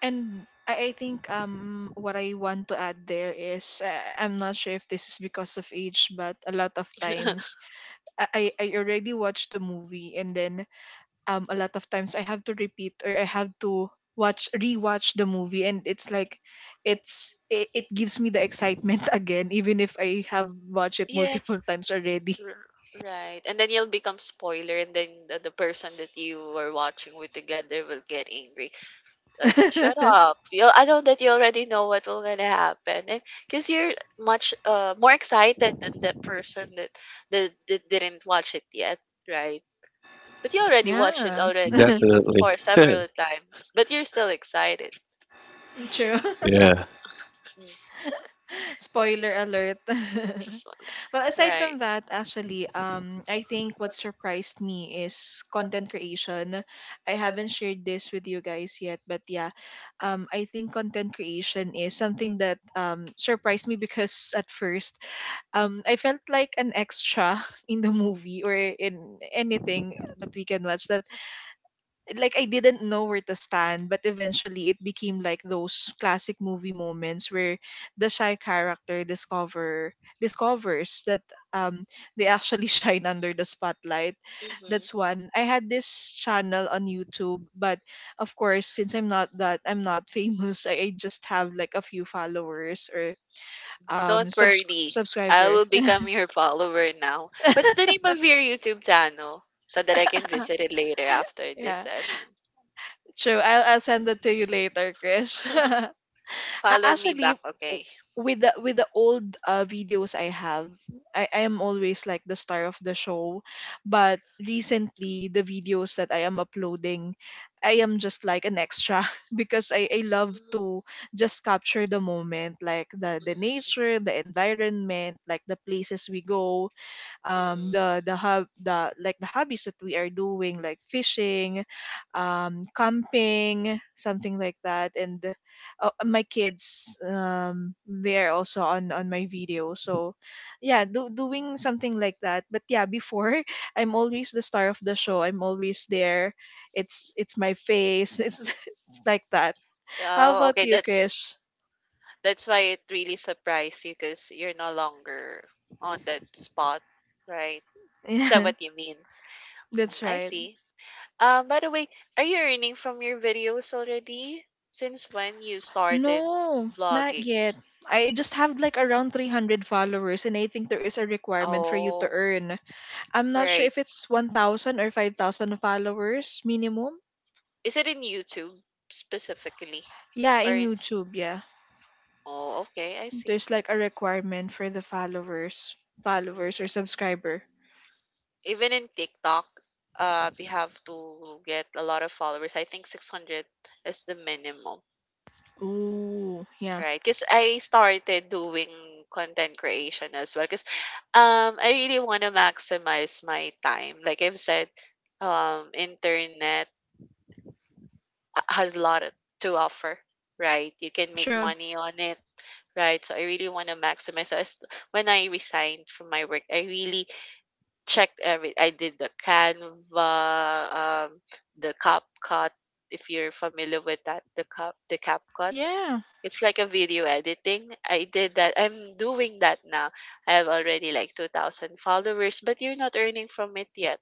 And I think what I want to add there is I'm not sure if this is because of age, but a lot of times I already watched the movie, and then a lot of times I have to repeat, or I have to watch, rewatch the movie, and it's like it gives me the excitement again, even if I have watched it multiple
Yes,
times already.
r- right. And then you'll become spoiler, and then the person that you were watching with together will get angry. Shut up! You, I know that you already know what will gonna happen, and because you're much more excited than the person that didn't watch it yet, right? But you already watched it
Yeah.
already
Definitely.
for several times, but you're still excited.
True.
Yeah.
Mm,
Spoiler alert.
just wanna-
Well, aside
right.
from that, actually, I think what surprised me is content creation. I haven't shared this with you guys yet, but yeah, I think content creation is something that surprised me because at first, I felt like an extra in the movie, or in anything that we can watch. That like I didn't know where to stand, but eventually it became like those classic movie moments where the shy character discovers that um they actually shine under the spotlight.
Mm-hmm.
That's
Mm-hmm.
one. I had this channel on YouTube, but of course since I'm not famous, I just have like a few followers or
Don't worry. I
subscriber.
will become your follower now. What's the name of your YouTube channel? So that I can visit it later after this
Yeah.
session.
True. I'll send it to you later, Krish.
Follow me back,
Actually
okay?
w- with the old videos I have, I am always like the star of the show. But recently, the videos that I am uploading, I am just like an extra, because I
Mm,
love
mhm,
to just capture the moment, like the nature, the environment, like the places we go,
mm-mm.
the like the hobbies that we are doing, like fishing, camping, something like that, and my kids they're also on my video. So yeah, doing something like that. But yeah, before I'm always the star of the show, I'm always there. It's my face. It's like that. How
Oh,
about
okay.
you, Krish?
That's why it really surprised you because you're no longer on that spot, right? Is that
Yeah,
what you mean?
that's
Mm, I
right.
see. By the way, are you earning from your videos already? Since when you started
No, not
vlogging?
yet. I just have like around 300 followers, and I think there is a requirement for you to
Oh,
earn. I'm not sure
right.
if it's 1,000 or 5,000 followers minimum.
Is it in YouTube specifically?
Yeah,
Or
in
in
YouTube, yeah.
oh, okay, I see.
There's like a requirement for the followers, followers or
Mhm.
subscriber.
Even in TikTok, we have to get a lot of followers. I think 600 is the minimum,
Ooh, yeah.
right? Because I started doing content creation as well. Because I really want to maximize my time. Like I've said, internet has a lot to offer, right? You can make
True.
money on it, right? So I really want to maximize. So as, when I resigned from my work, I really checked every. I did the Canva, um, the CapCut. If you're familiar with that, the CapCut.
Yeah.
It's like a video editing. I did that. I'm doing that now. I have already like 2,000 followers, but you're not earning from it yet.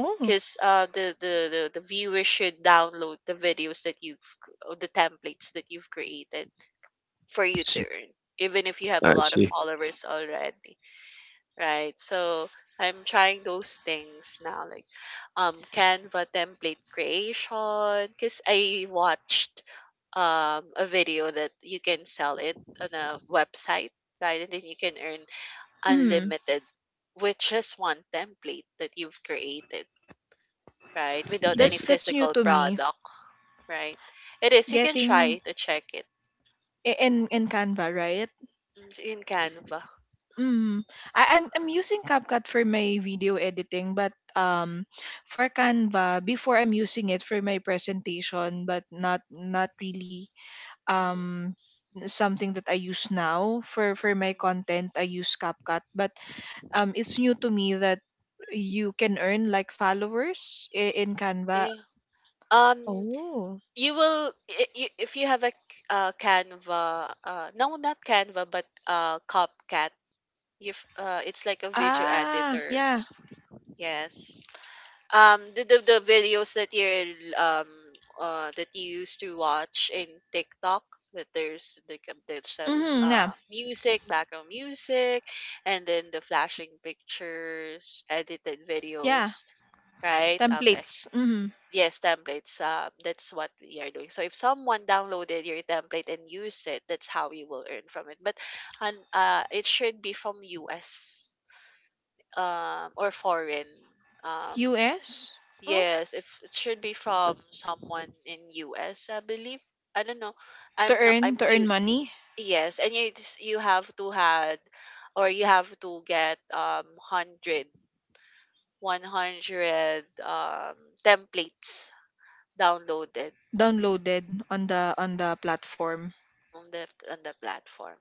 Oh,
Because the viewers should download the videos that you've, or the templates that you've created for you to
s-
earn, even if you have a
I
lot of
see.
followers already, right? So I'm trying those things now, like Canva template creation, because I watched a video that you can sell it on a website, right? And then you can earn
mm.
unlimited with just one template that you've created, right? Without
Yeah.
any
That's new
physical
to me.
product, right? It is. You can
Getting
try to check it
in Canva, right?
mm, in Canva.
Mm. I'm I'm using CapCut for my video editing, but for Canva before I'm using it for my presentation, but not not really
Mhm,
um something that I use now for
mhm.
my content. I use CapCut, but it's new to me that you can earn like followers in Canva.
Yeah. Um,
Oh.
you will you, if you have a c- Canva, no, not Canva, but CapCut. You it's like a video
Ah,
editor.
yeah.
Yes. The videos that you're um that you used to watch in TikTok that there's like there's that
Mm-hmm, yeah.
music, background music, and then the flashing pictures, edited
Yeah.
videos, right? Okay.
Templates. Mm-hmm.
Yes, templates. That's what we are doing. So if someone downloaded your template and used it, that's how you will earn from it. But and it should be from U.S. Or foreign. Um,
US. Oh,
yes, if it should be from someone in U.S., I believe. I don't know.
to
I'm not. I'm
earn, to earn
new.
money.
Yes, and you have to had, or you have to get 100 templates downloaded
Downloaded on the platform.
on the platform.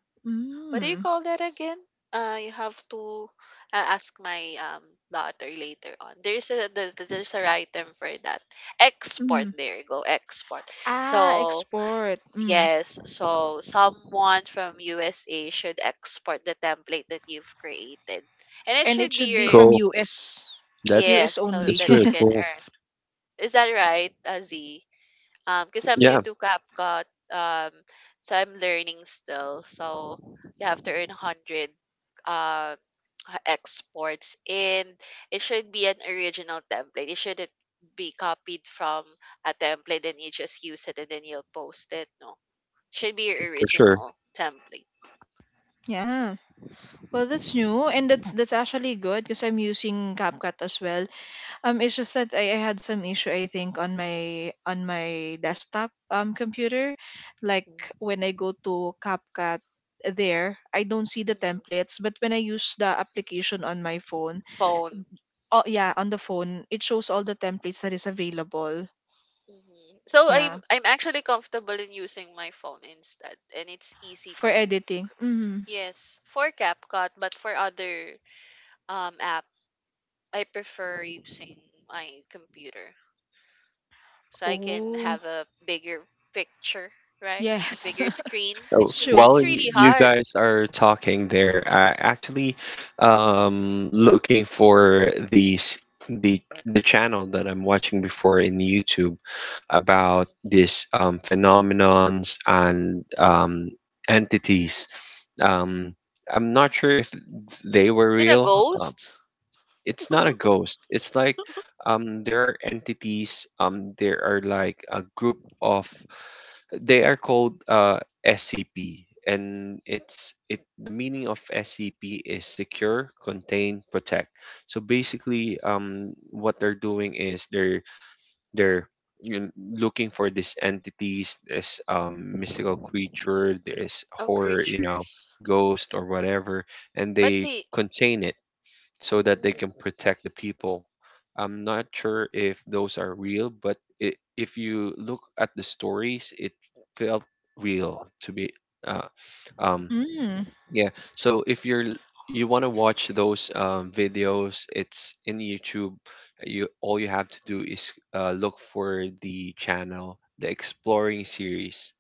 What do you
Mm.
call that again? You have to ask my daughter later on. There's there's a right term for that. Export.
Mm.
There you go. Export.
Ah,
So
export. Mm.
yes. So someone from USA should export the template that you've created, and it
And it
should be
should be
your
from
Cool.
US.
yes,
US
That's
so
only.
that
that's
you
really
can
cool.
earn. Is that right, Z? Because I'm new
Yeah,
to CapCut, um, so I'm learning still. So you have to earn 100 um, exports, and it should be an original template. It shouldn't be copied from a template and you just use it and then you'll post it. No, should be your
for sure.
original template.
Yeah. Well, that's new and that's actually good because I'm using CapCut as well. It's just that I had some issue I think on my desktop computer, like
Mhm.
when I go to CapCut there, I don't see the templates, but when I use the application on my phone.
Phone.
Oh yeah, on the phone, it shows all the templates that is available.
Mhm. So
Yeah,
I'm actually comfortable in using my phone instead, and it's easy
for
to
editing. Mm.
yes, for CapCut, but for other app, I prefer using my computer so I can
Oh,
have a bigger picture, right? A
yes.
bigger screen. It's
Oh,
'cause
Sure.
it's
while
really
you
hard.
guys are talking there, I actually looking for the s- the channel that I'm watching before in YouTube about
Mhm.
this phenomenons and entities. Um I'm not sure if they were
Is it a
real. Um,
ghost?
it's not a ghost. It's like there are entities, there are like a group of they are called SCP, and it's it. The meaning of SCP is secure, contain, protect. So basically, what they're doing is they're you know, looking for these entities, this mystical creature, this
Oh,
horror,
creatures.
ghost or whatever, and
But
they
the
contain it so that they
mm,
can protect the people. I'm not sure if those are real, but I if you look at the stories, it felt real to be. Uh, um,
Mm.
yeah. So if you want to watch those videos, it's in YouTube. You All you have to do is look for the channel, the Exploring series.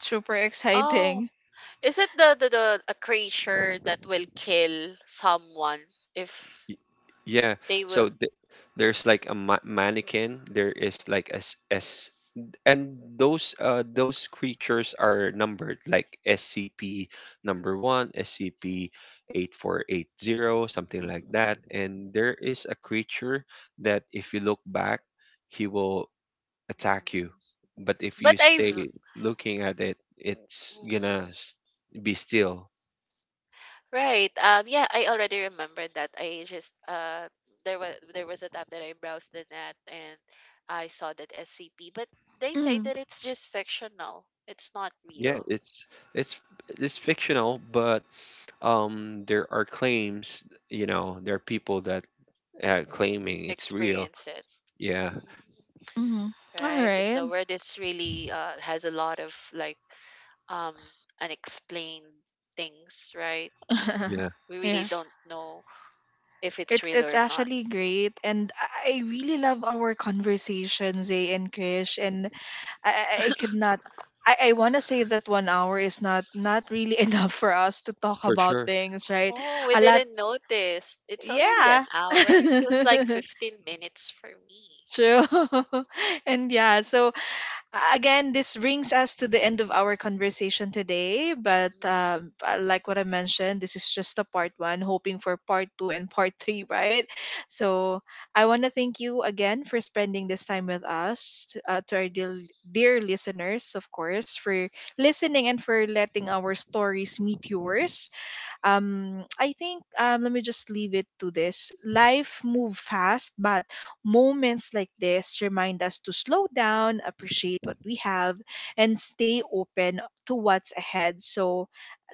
Super
oh,
exciting.
is it the a creature that will kill someone if
Y- Yeah.
they
So
will?
th there's
s-
like a ma mannequin. There is like a s s And those those creatures are numbered like SCP number one, SCP 8480, something like that. And there is a creature that if you look back, he will attack
Mm.
you. But if
But
you
I've
stay looking at it, it's gonna
mhm.
be still.
Right. Yeah, I already remembered that. I just there was a time that I browsed the net and I saw that SCP, but they say
Mm.
that it's just fictional. It's not
Yeah,
real.
it's it's fictional, but there are claims, there are people that claiming it's real.
Experience it.
Yeah.
Mm,
Mm. All
right? Because
right.
the word is really has a lot of like um unexplained things, right?
Yeah,
We really
Yeah,
don't know if it's real
it's
or not.
actually great, and I really love our conversation, Zay and Krish, and I could not. I want to say that 1 hour is not not really enough for us to talk
for
about
sure.
things, right?
Oh, we
A lot,
didn't notice. It's already an
yeah.
hour. It feels like 15 minutes for me.
True. And yeah, so again, this brings us to the end of our conversation today. But like what I mentioned, this is just a part one, hoping for part two and part three, right? So I want to thank you again for spending this time with us, to our dear, dear listeners, of course, for listening and for letting our stories meet yours. I think let me just leave it to this. Life move fast, but moments like this remind us to slow down, appreciate what we have, and stay open to what's ahead. So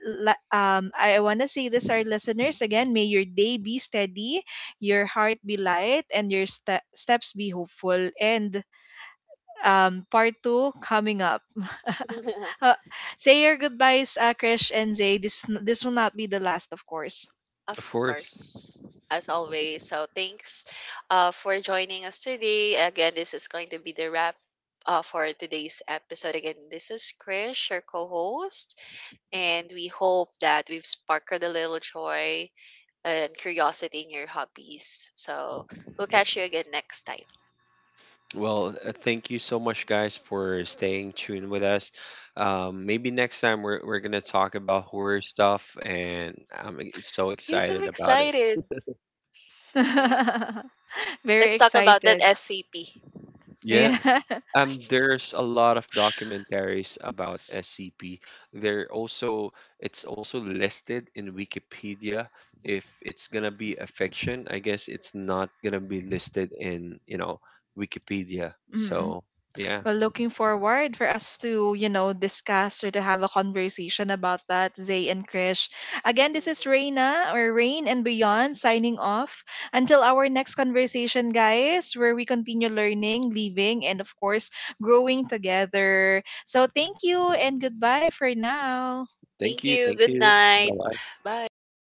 I want to say this, our listeners, again, may your day be steady, your heart be light, and your steps be hopeful. And part two coming up.
Mhm.
Uh, say your goodbyes, Krish and Zay. This will not be the last, of course.
Of
Of course.
course, as always. So thanks for joining us today. Again, this is going to be the wrap for today's episode. Again, this is Krish, your co-host, and we hope that we've sparkled a little joy and curiosity in your hobbies. So we'll catch you again next time.
Well, thank you so much guys for staying tuned with us. Maybe next time, we're gonna talk about horror stuff, and I'm so
Yes, I'm
excited about it.
excited. Yes.
Very
Let's talk about that
excited.
SCP.
Yeah.
Yeah.
There's a lot of documentaries about SCP. They're also It's also listed in Wikipedia. If it's gonna be a fiction, I guess it's not gonna be listed in, Wikipedia.
Mm.
So yeah.
Well, looking forward for us to, you know, discuss or to have a conversation about that, Zay and Krish. Again, this is
Mhm.
Reina, or Rain and Beyond, signing off. Until our next conversation, guys, where we continue learning, living, and of course, growing together. So thank you and goodbye for now.
Thank
Thank
you,
you.
thank
Good
you.
night.
Bye bye.
Bye.